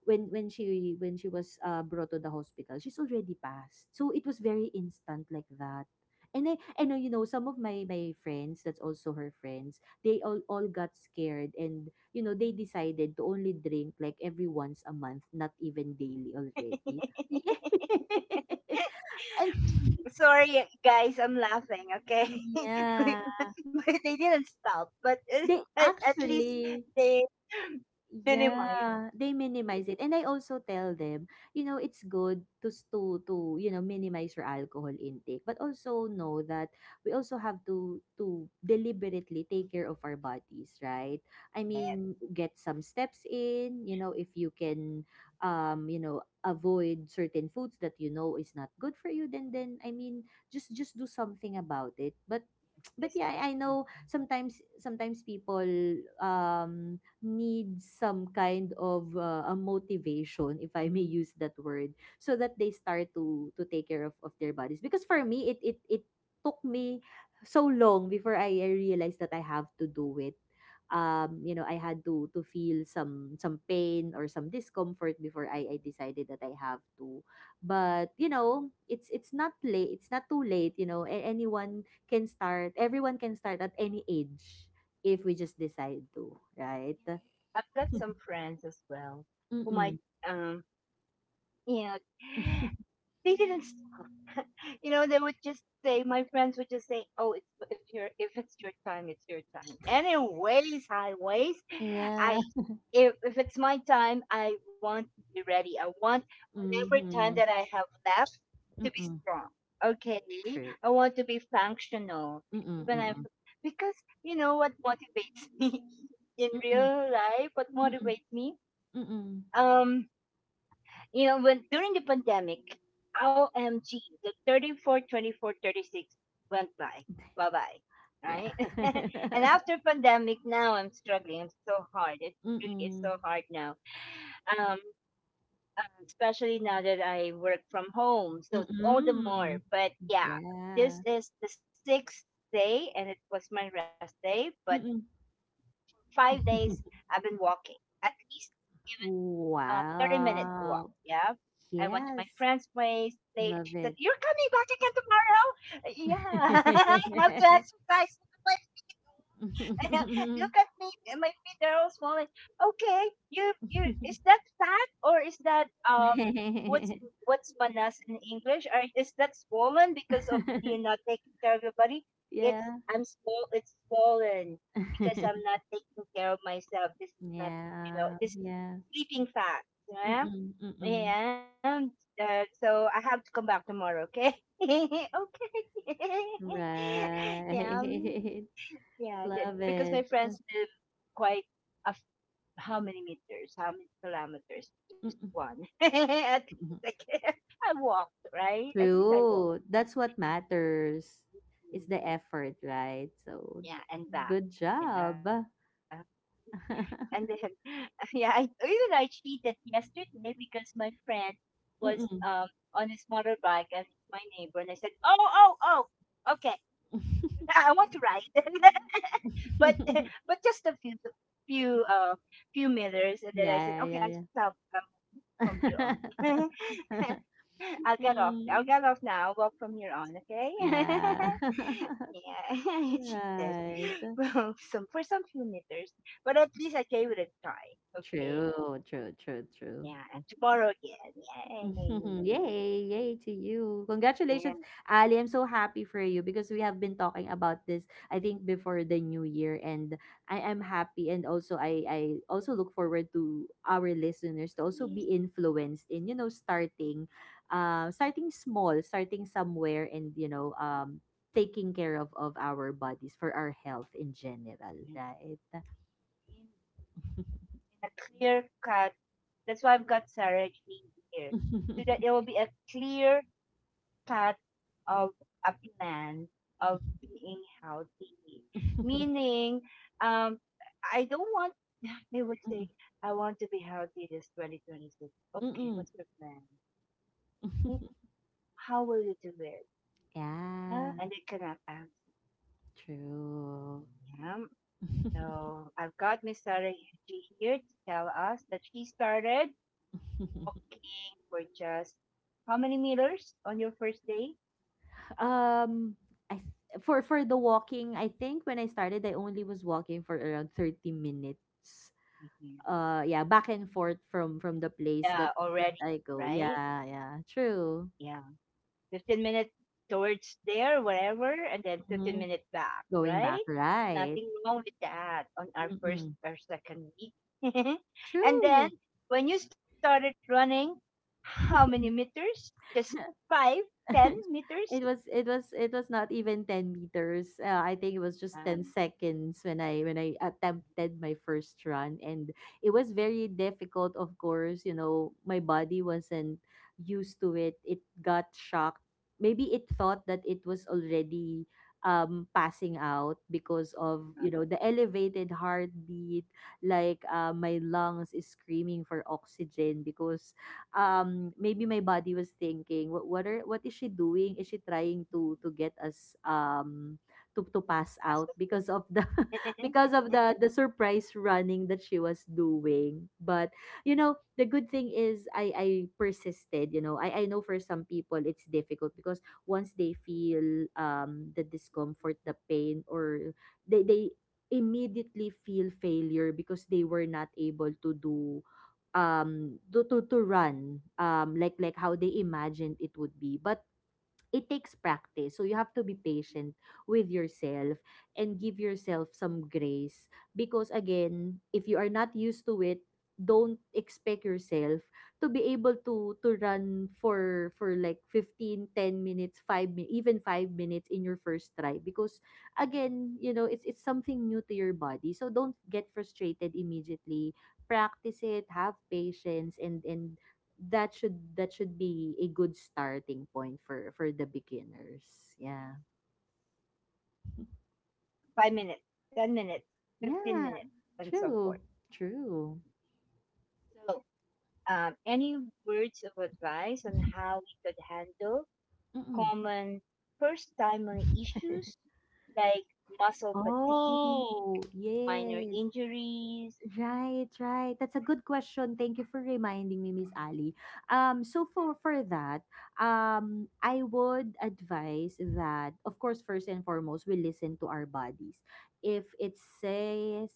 when she was, brought to the hospital, she's already passed. So it was very instant like that. And you know, some of my friends, that's also her friends, they all got scared, and, you know, they decided to only drink like every once a month, not even daily already. And Sorry, guys, I'm laughing. Okay, yeah. but they didn't stop, but They at least actually they minimized. Yeah, they minimize it. And I also tell them, you know, it's good to s- to, you know, minimize your alcohol intake, but also know that we also have to deliberately take care of our bodies, right? Yeah, I mean, get some steps in, you know, if you can, avoid certain foods that you know is not good for you, then I mean, just do something about it. But but yeah, I know, sometimes people, um need some kind of, a motivation, if I may use that word, so that they start to take care of their bodies, because for me, it took me so long before I realized that I have to do it. I had to feel some pain or some discomfort before I decided that I have to. But it's not late, it's not too late. Anyone can start, everyone can start at any age, if we just decide to, right? I've got some friends as well who might, Mm-mm. um, you know, they didn't you know, they would just say, my friends would just say, "Oh, it's if you're if it's your time, it's your time." Anyways, highways, Yeah. I if it's my time, I want to be ready. I want whatever time Mhm. that I have left to be Mm-mm. strong. Okay, True. I want to be functional, Mm-mm. even if Mm-mm. because you know what motivates me in Mm-mm. real life. What Mm-mm. motivates me? Mm-mm. Um, when during the pandemic, OMG, the 34, 24, 36 went by. Bye bye. Yeah. Right? And after pandemic, now I'm struggling. I'm so hard. It really is Mm-mm. so hard now. Um, especially now that I work from home. So all the more. Mm-mm. But yeah, this Yeah. is the sixth day and it was my rest day. But Mm-mm. 5 days I've been walking. At least, 30 minutes walk. Wow. Yeah. I went to Yes. my friend's place. She Love said, it. "You're coming back again tomorrow?" Yeah. I have to exercise. Look at me. My feet are all swollen. Okay. Is that fat, or is that, what's, what's manas in English? Or is that swollen because of you not taking care of your body? It's, Yeah. I'm swollen. It's swollen because I'm not taking care of myself. This is not, you Yeah. know, This is Yeah. sleeping fat, yeah. Mm, mm. And, so I have to come back tomorrow, okay? Okay. yeah, Right. yeah, Love it. because my friends live quite a f how many meters, how many kilometers? Just Mm. one. At least I walked, right? At least I True. walked. That's what matters. It's the Mm, effort, right? So, yeah, and good back. job. Yeah. And then, yeah, I cheated yesterday because my friend was Mm. on his motorbike and he's my neighbor, and I said, "Oh, oh, oh, okay, I want to ride." but but just a few few uh few meters, and then I said, Yeah, okay, yeah, I'll yeah. stop, from here on. Yeah. I'll get off. I'll Mm, get off now. I walk from here on, okay? yeah. Yeah, she said. Right. Well, some few meters, but at least I gave it a try, okay? True, true, true, true. Yeah, and tomorrow again. Yay! Yay! Yay to you. Yeah, Congratulations, Ali. I'm so happy for you, because we have been talking about this, I think, before the new year. And I am happy. And also, I also look forward to our listeners to also please. be influenced in, starting, starting small, starting somewhere, and, taking care of our bodies for our health in general, right? In a clear cut. That's why I've got Sarah Jane here, so that it will be a clear cut of a plan of being healthy. Meaning, um, I don't want. They would say, "I want to be healthy this 2026." Okay, Mm-mm. what's your plan? Right? How will you do it? Yeah, Yeah. and they cannot answer. True. Yeah. So I've got Miss Sarah Yuji here to tell us that she started walking for just how many meters on your first day? um I th- for the walking, I think when I started I only was walking for around 30 minutes. Mhm. Yeah, back and forth from the Yeah, place that already, I go. right? Yeah, yeah. True. Yeah. 15 minutes towards there, wherever, and then hmm 15 minutes back, Going back, right? right? Nothing wrong with that on our first Mm-mm. or second week. And then True. when you started running, how many meters? Just five, ten meters? It was not even 10 meters, I think it Um, was just 10 seconds when I attempted my first run. And it was very difficult, of course. My body wasn't used to it, it got shocked. Maybe it thought that it was already, passing out because of, the elevated heartbeat. Like, my lungs is screaming for oxygen, because, maybe my body was thinking, what is she doing, is she trying to get us, to pass that's what- out because of the because of the surprise running that she was doing. But, you know, the good thing is, I persisted. You know, I know for some people it's difficult, because once they feel, the discomfort, the pain, or they immediately feel failure because they were not able to do, to run, like how they imagined it would be. But it takes practice. So you have to be patient with yourself, and give yourself some grace, because again, if you are not used to it, don't expect yourself to be able to run for like 15, 10 minutes, even 5 minutes in your first try, because again, you know, it's something new to your body. So don't get frustrated immediately, practice it, have patience, and that should be a good starting point for the beginners. Yeah. 5 minutes, 10 minutes, 15 Yeah, minutes, and so forth. true. True. So, any words of advice on how we could handle Mm-mm. common first timer issues like muscle fatigue, Oh, minor yes. injuries, Right, right. That's a good question. Thank you for reminding me, Miss Ali. So for that, I would advise that, of course, first and foremost, we listen to our bodies. If it says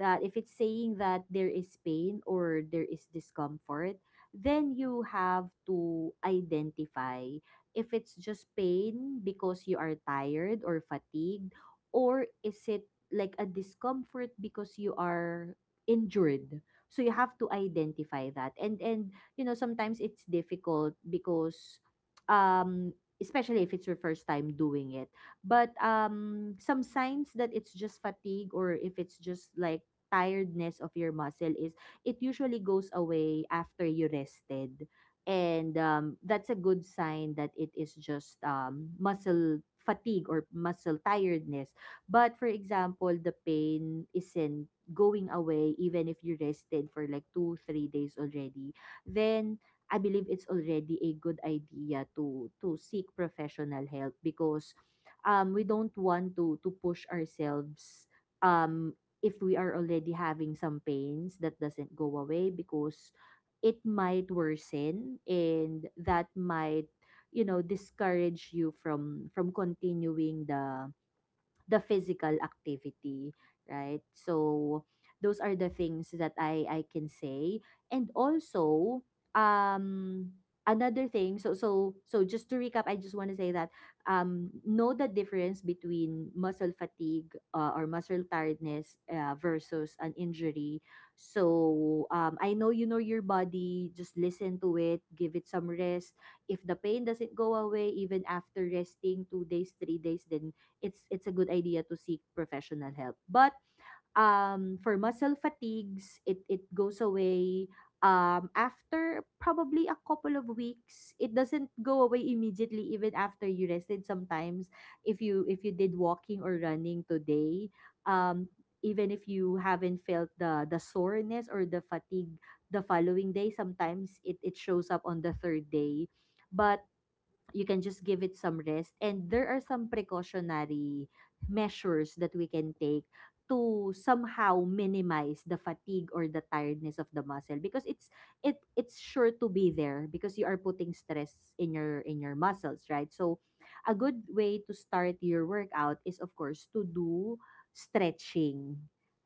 if it's saying that there is pain or there is discomfort, then you have to identify if it's just pain because you are tired or fatigued, or is it like a discomfort because you are injured. So you have to identify that. And sometimes it's difficult because um especially if it's your first time doing it. But some signs that it's just fatigue or if it's just like tiredness of your muscle is it usually goes away after you rested. And that's a good sign that it is just muscle fatigue or muscle tiredness. But for example, the pain isn't going away even if you rested for like 2 3 days already, then I believe it's already a good idea to seek professional help because we don't want to push ourselves um if we are already having some pains that doesn't go away because it might worsen and that might, discourage you from continuing the physical activity, right? So those are the things that I can say. And also, um another thing, so just to recap, I just want to say that know the difference between muscle fatigue or muscle tiredness versus an injury. So I know, you know your body, just listen to it, give it some rest. If the pain doesn't go away even after resting 2 days 3 days, then it's a good idea to seek professional help. But for muscle fatigues, it goes away after probably a couple of weeks. It doesn't go away immediately, even after you rested. Sometimes, if you did walking or running today, um, even if you haven't felt the soreness or the fatigue the following day, sometimes it shows up on the third day. But you can just give it some rest, and there are some precautionary measures that we can take to somehow minimize the fatigue or the tiredness of the muscle because it's sure to be there because you are putting stress in your muscles, right? So a good way to start your workout is of course to do stretching.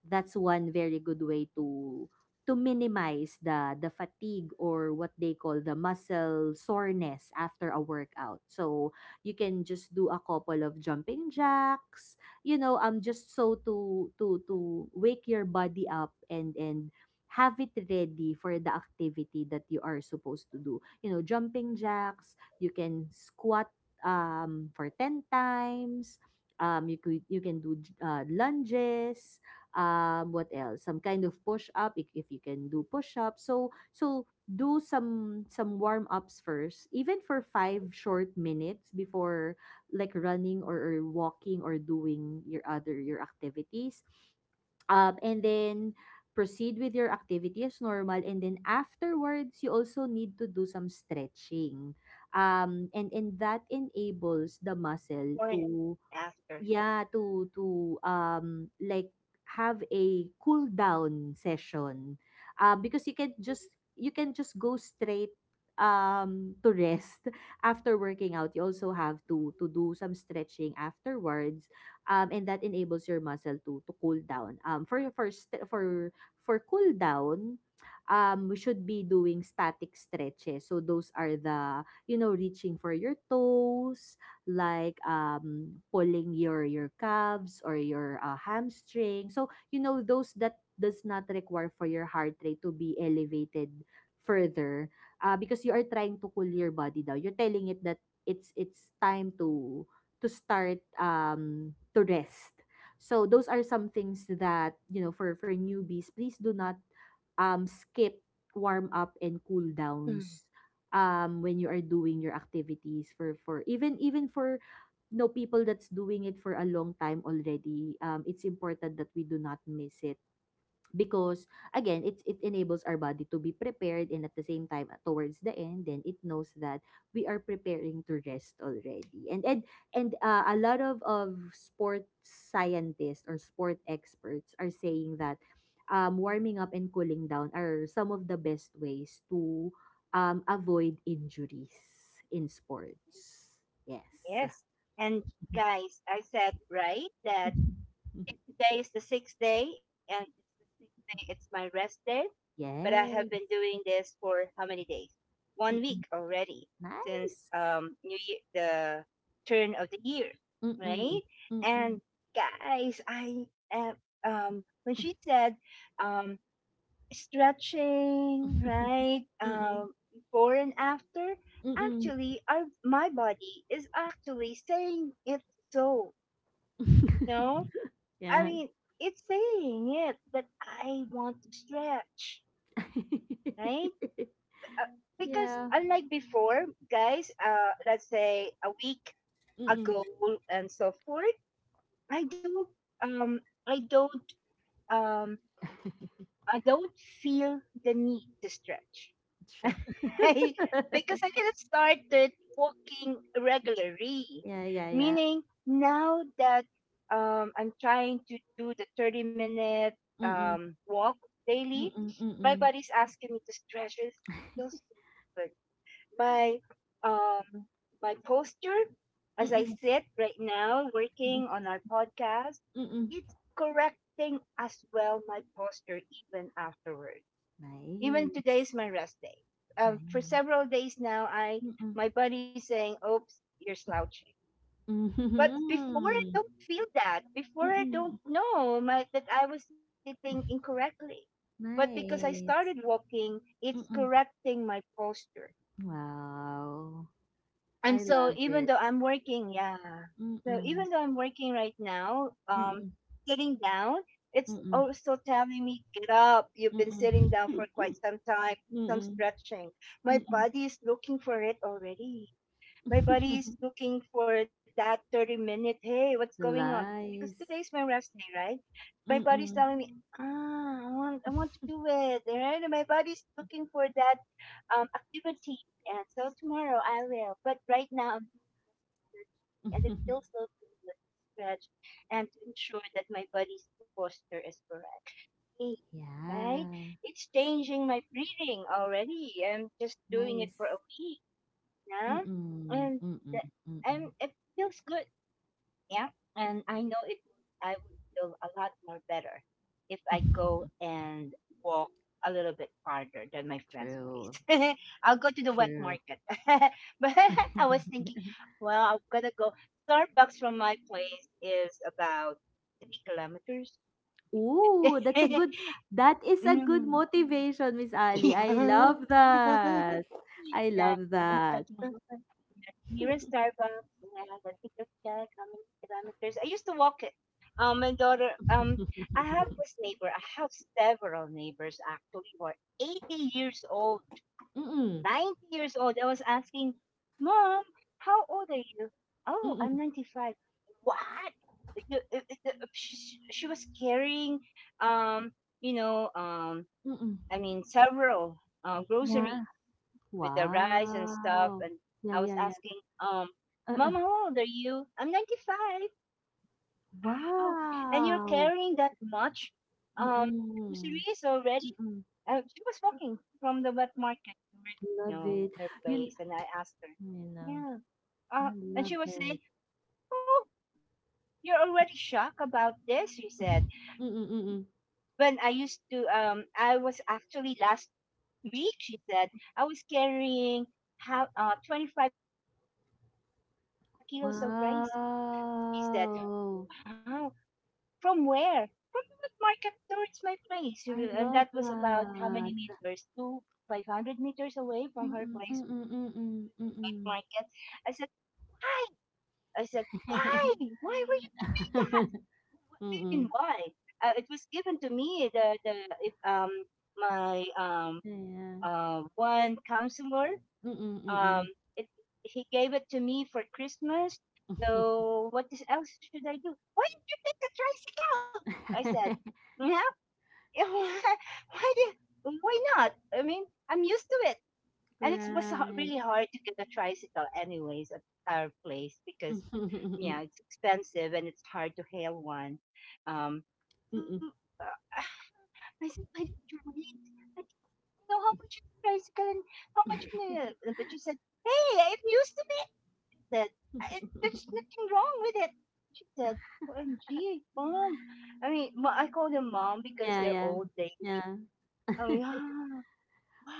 That's one very good way to minimize the fatigue or what they call the muscle soreness after a workout. So you can just do a couple of jumping jacks, you know, just so to wake your body up and have it ready for the activity that you are supposed to do. You know, jumping jacks, you can squat for 10 times. You can do lunges. What else? Some kind of push up if you can do push up. So do some warm ups first, even for 5 short minutes before like running or walking or doing your other your activities. And then proceed with your activity as normal, and then afterwards you also need to do some stretching and that before and enables the after? muscle to, yeah, to like have a cool down session because you can just go straight to rest after working out. You also have to do some stretching afterwards. And that enables your muscle to cool down. For for for cool down, we should be doing static stretches, so those are the, you know, reaching for your toes, like pulling your calves or your hamstring. So you know, those that does not require for your heart rate to be elevated further, because you are trying to cool your body down. You're telling it that it's time to start, to rest. So those are some things that, you know, for newbies, please do not skip warm up and cool Mm. downs when you are doing your activities for even for no people that's doing it for a long time already. It's important that we do not miss it because again, it enables our body to be prepared, and at the same time, towards the end, then it knows that we are preparing to rest already. And and and uh, a lot of sport scientists or sport experts are saying that warming up and cooling down are some of the best ways to avoid injuries in sports. Yes. Yes. And guys, I said, right, that and today is the sixth day, and it's the sixth day. It's my rest day, but I have Yes. been doing this for how many days? One Mm-mm. week already since Nice. New Year, the turn of the year, Mm-mm. right? Mm-mm. And guys, I am when she said um stretching, right? Mm, Before and after. mm. Actually, our my body is actually saying it so. No, I Yeah. mean, it's saying it that I want to stretch, right? Because Yeah. unlike before, guys, let's say a week Mm, ago and so forth, I don't, um, I don't, um, I don't feel the need to stretch. true. I, because I just started walking regularly, Yeah, yeah, yeah. meaning now that I'm trying to do the 30 minute Mm, mm, walk daily, my mm. body's asking me to stretch. It feels so good. My um, my posture Mm, as I mm, sit right now working on our podcast, mm. it's correcting as well my posture even afterwards. Even Nice. today is my rest day. For Nice. several days now, I Mm. my body's saying, "Oops, you're slouching." But before I Mhm. don't feel that. Before I Mm. don't know my, that I was sitting incorrectly. But because I started Nice. walking, it's Mm. correcting my posture. Wow. And I so love even it. though I'm working, yeah. Mm. So Mm. even though I'm working right now, Mm. sitting down, it's Mm. also telling me, get up. You've been sitting down for Mm. quite some time. Do some Mm. stretching. Mm. My body is looking for it already. My body is looking for that 30 minute. Hey, what's going on? Because Lies. today's my rest day, right? My Mm-mm. body's telling me, ah, I want to do it. Right? And my body's looking for that activity. And so tomorrow I will. But right now I'm doing just stretching, and it feels so good to stretch and to ensure that my body's posture is correct. Right? Yeah. It's changing my breathing already. I'm just Nice. doing it for a week now, Mm-mm. and Mm-mm. the, Mm-mm. I'm, it feels good. Yeah. And I would feel a lot more better if I go and walk a little bit farther than my friend's True. place. I'll go to the wet True. market. But I was thinking, well, I'm going to go. Starbucks from my place is about 3 kilometers. Ooh, that's a good, that is a good Mm. motivation, Miss Ali. Yeah. I love that. Yeah, I I'm love talking about that. the nearest Starbucks and the ticket check, how many kilometers. I used to walk it. My daughter, I have this neighbor. I have several neighbors actually who are 80 years old, Mm-mm. 90 years old. I was asking, Mom, how old are you? Oh, I'm Mm-mm. 95. What? You, uh, uh, she was carrying, um, you know, Mm-mm. I mean, several Yeah. groceries with the rice and stuff. Wow. And Yeah, I yeah, was yeah. asking, Uh-uh. Mom, how old are you? I'm 95. Wow. And you're Wow! carrying that much um, Mm, groceries already? mm. And she was walking from the wet market towards, you Love it. know, her You place. And I asked you her, know, yeah. I love Uh, it. and she was saying, oh, you're already shocked about this, she said. Mm, When I mm. used to, I was actually last week, she said, I was carrying how, 25 kilos of rice, one sack of 25 kilos of rice. I was carrying it myself. He Wow! said, Wow, from where? From the market towards my place. I And love that was about how that. many meters? Two, 500 meters away from her Mm, place mm, mm, to mm, the wet mm. market. I said, Why? I said, Why? Why were you doing that? What do you Mm. mean, why? It was given to me, the, it, my Yeah. One counselor. Mm, Um, mm. it, he gave it to me for Christmas. So what is, else should I do? Why did you take the tricycle? I said, yeah, why did, why not? I mean, I'm used to it. And it was Right. really hard to get a tricycle anyways at our place because, yeah, it's expensive and it's hard to hail one. Um, Mm. so, uh, I said, why did you wait? I so how much is the price again? How much in the... but she said, hey, it used to be that. I, there's nothing wrong with it. She said, OMG, mom. I mean, I call them mom because Yeah, they're yeah. old lady. Yeah. I mean, ah,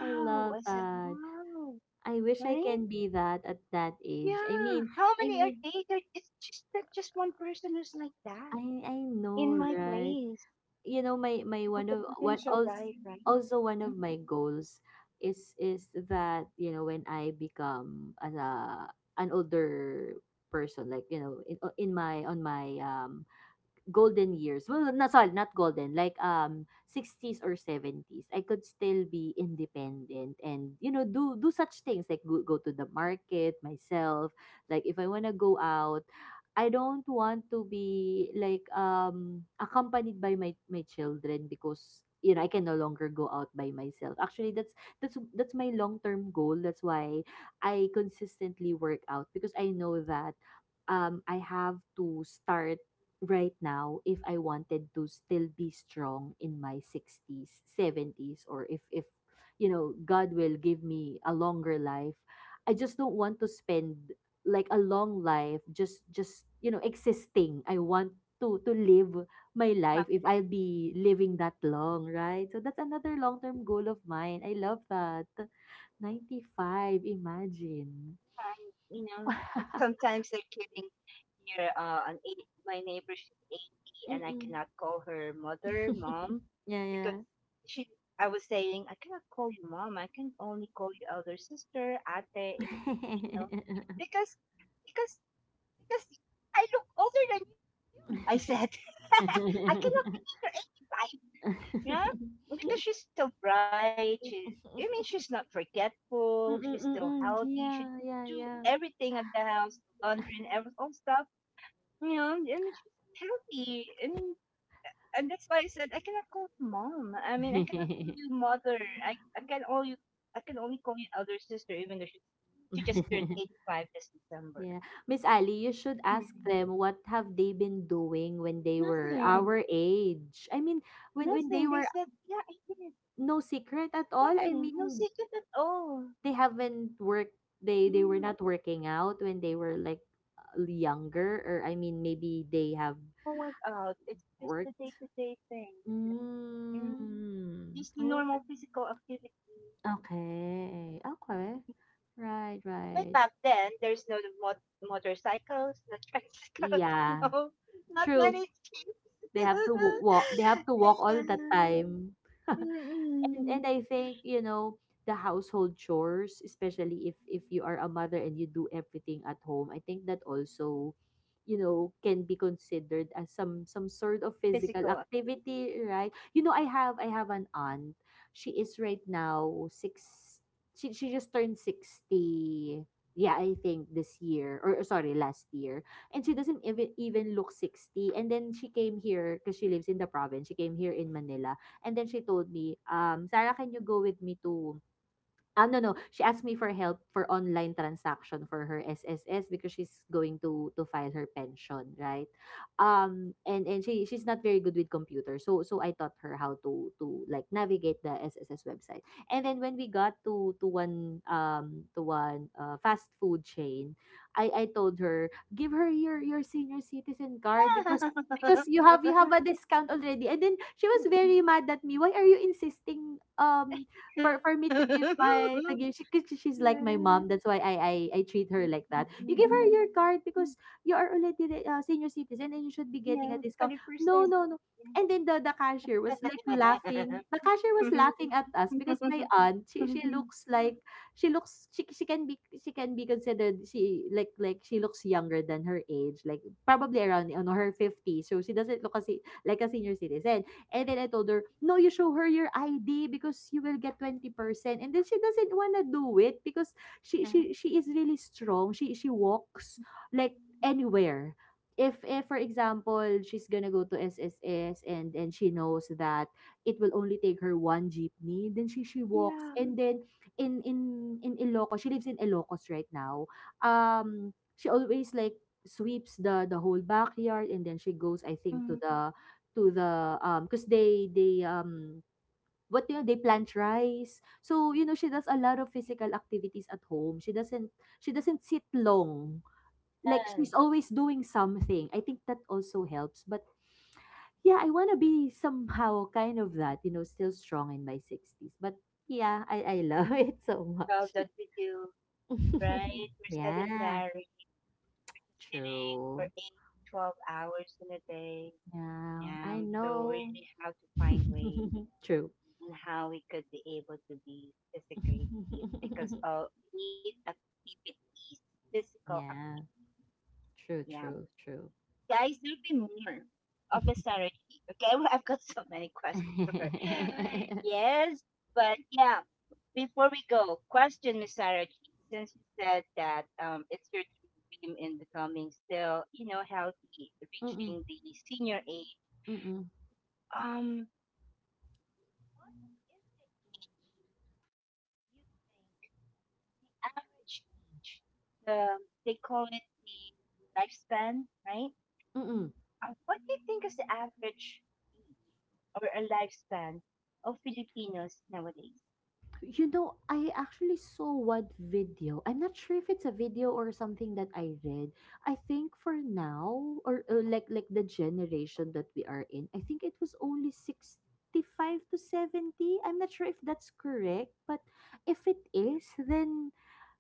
I love I said, that. wow, I wish I right? can be that at that age. I Yeah. mean, How I many are mean, they? There, it's just that just one person who's like that I know, in my right? place. You know, my Not one the of one provincial also life, right? also one of Mhm. my goals is that, you know, when I become as a an older person, like, you know, in my on my golden years. Well, not sorry, not golden, like 60s or 70s. I could still be independent and you know do do such things like go, go to the market myself. Like if I want to go out, I don't want to be like accompanied by my my children because, you know, I can no longer go out by myself. Actually, that's my long-term goal. That's why I consistently work out because I know that I have to start right now if I wanted to still be strong in my 60s, 70s, or if, you know, God will give me a longer life, I just don't want to spend like a long life just, you know, existing. I want to live my life if I'll be living that long, right? So that's another long-term goal of mine. I love that. 95, imagine. Time, you know, and sometimes they're kidding here. An eight, my neighbor, she's 80, and I Mm-mm. cannot call her mother, mom, because Yeah, she, I was saying, I cannot call you mom. I can only call you elder sister, ate in Filipino, yeah. because, because, because I look older than you, I Mm, said. I cannot picture 85. Yeah, because she's still bright. She, I mean, she's not forgetful. She's mm, still mm. healthy. She Yeah, do yeah, yeah. everything at the house, laundry and every all stuff. You know, I mean, she's healthy. I mean, and that's why I said I cannot call you mom. I mean, I cannot call you mother. I, I can only I can only call you elder sister, even though she just turned 85 this December. Yeah. Miss Ali, you should Hmm. ask them what have they been doing when they were Nothing. our age. I mean, when Nothing. They they were, said, yeah, I did. no secret at all. Exactly. I No mean, secret at all. they haven't Mm. worked, they were not working out when they were like younger, or I mean maybe No they have workout. It's just the day to worked. day thing, literally. Mm. Mm. Just the normal Oh, physical activity. okay, okay. Right, Because right right. back then, there's no mot- motorcycles, no tricycles, Yeah, no, not true. many things. They have to walk. They have to walk all the And, time. And Mm-mm. I think, you know, the household chores, especially if you are a mother and you do everything at home, I think that also, you know, can be considered as some sort of physical Physical ac- activity, right? You know, I have an aunt. She is right now six. She just turned 60. Yeah, I think this year or, sorry, last year. And she doesn't even look 60. And then she came here because she lives in the province. She came here in Manila. And then she told me, "Sarah, can you go with me to—" Ah, no, no. She asked me for help for online transaction for her SSS because she's going to file her pension, right? And she's not very good with computers, so I taught her how to like navigate the SSS website. And then when we got to one to one fast food chain, I told her, give her your senior citizen card, because you have a discount already. And then she was very mad at me. Why are you insisting for me to give my to give she, 'cause she's like my Yeah. mom, that's why I treat Yeah, her like that. You give her your card because you are already the, senior citizen and you should be getting a discount. No, no, 40%. no. And then the cashier was like laughing, Yeah. the cashier was Mm. laughing at us because my aunt, she looks like, she looks she, she can be considered she like she looks younger than her age, like probably around, you know, her 50, so she doesn't look as like a senior citizen. And then I told her, no, you show her your ID because you will get 20%. And then she doesn't want to do it because she is really strong. She walks like anywhere. If for example she's gonna go to SSS and she knows that it will only take her one jeepney, then she walks. And Yes. then in Ilocos, she lives in Ilocos right now, she always like sweeps the whole backyard, and then she goes, I think, to the because they what do you, they plant rice. So, you know, she does a lot of physical activities at home. She doesn't, she doesn't sit long, like she's always doing something. I think that also helps. But yeah, I want to be somehow kind of that, you know, still strong in my 60s. But yeah, I love it so much. Well, that we do, right? We're Yeah, sedentary, true. sitting for eight, 12 hours in a day. Yeah, I Yeah, know. so really how to find ways True. and how we could be able to be physically fit because all we need activities, physical Yeah. activities. True, true, Yeah, true. guys, there'll be more of Miss Sarah G. Okay, I've got so many questions for her. Mm-mm, Yes, but yeah, before we go, question Miss Sarah G. Since you said that it's your dream in becoming still, you know, healthy, reaching the mm-mm, senior age, mm-mm. um, what is the age you think the average age? The they call it the lifespan, right? What do you think is the average age or a lifespan of Filipinos nowadays? You know, I actually saw one video. I'm not sure if it's a video or something that I read. I think for now, or like the generation that we are in, I think it was only 65 to 70. I'm not sure if that's correct, but if it is, then,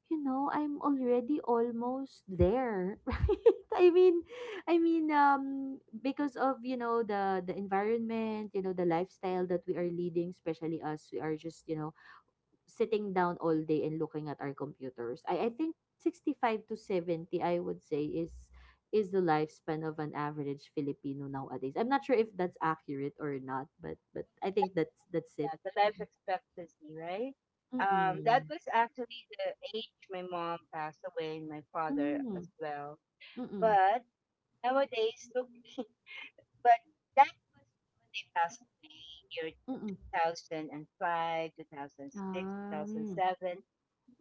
you know, I'm already almost there, right? I mean, because of, you know, the environment, you know, the lifestyle that we are leading, especially us, we are just, you know, sitting down all day and looking at our computers. I think 65 to 70, I would say, is the lifespan of an average Filipino nowadays. I'm not sure if that's accurate or not, but I think that's it. Yeah, the life Mm-mm. expectancy, right? That Mm-mm. was actually the age my mom passed away and my father as Mm-mm. well. Mm-mm. But nowadays, look, but that was when they passed away, year Mm-mm. 2005, 2006, Um, 2007.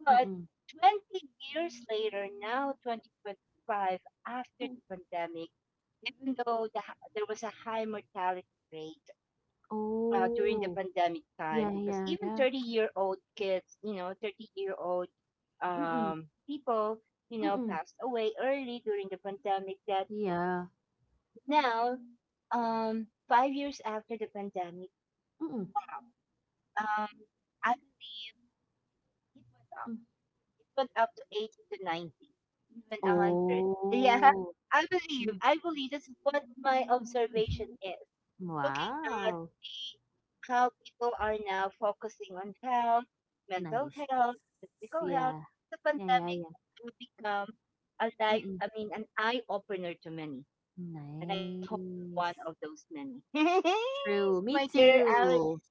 But mm-mm. 20 years later, now 2025, after the Mm. pandemic, even though the, h- there was a high mortality rate during the Oh, pandemic time yeah, because even yeah, 30 yeah. year old kids, you know, 30-year-old Mm-mm. People, you know, Mm-mm. passed away early during the pandemic. That Yeah. now, 5 years after the pandemic, Mm-mm. um, I believe it went up. Mm. It went up to 80 to 90, even 100. Yeah, Oh. I believe. Mm. I believe that's what my observation is. Looking at Wow. the, how people are now focusing on health, mental Nice. health, physical health, Yeah. the Yeah, yeah, pandemic yeah. will become a life, Mm-mm. I mean, an eye opener to many. And I hope you're one Nice. of those many. True. Me My dear Alice, too.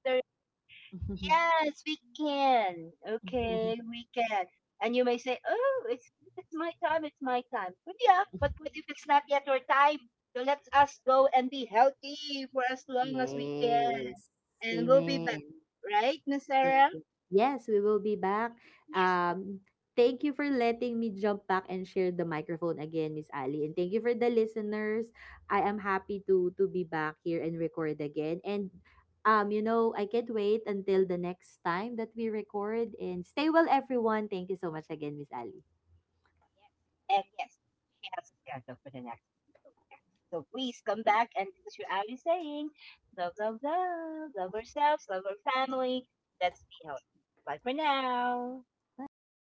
yes, we can. Okay, we can. And you may say, "Oh, it's my time. It's my time." But yeah, but what if it's not yet your time? So let us go and be healthy for as long as we can, Yes. and we'll be back, Amen. right, Miss Thank Sarah? you. Yes, we will be back. Yes, Um, Thank you for letting me jump back and share the microphone again, Miss Ali. And thank you for the listeners. I am happy to be back here and record again. And you know, I can't wait until the next time that we record. And stay well, everyone. Thank you so much again, Miss Ali. yes, and yes. She has a schedule for the next episode. So please come back and this is your Ali saying, love, love, love, love ourselves, love our family. Let's be healthy. Bye for now. Bye.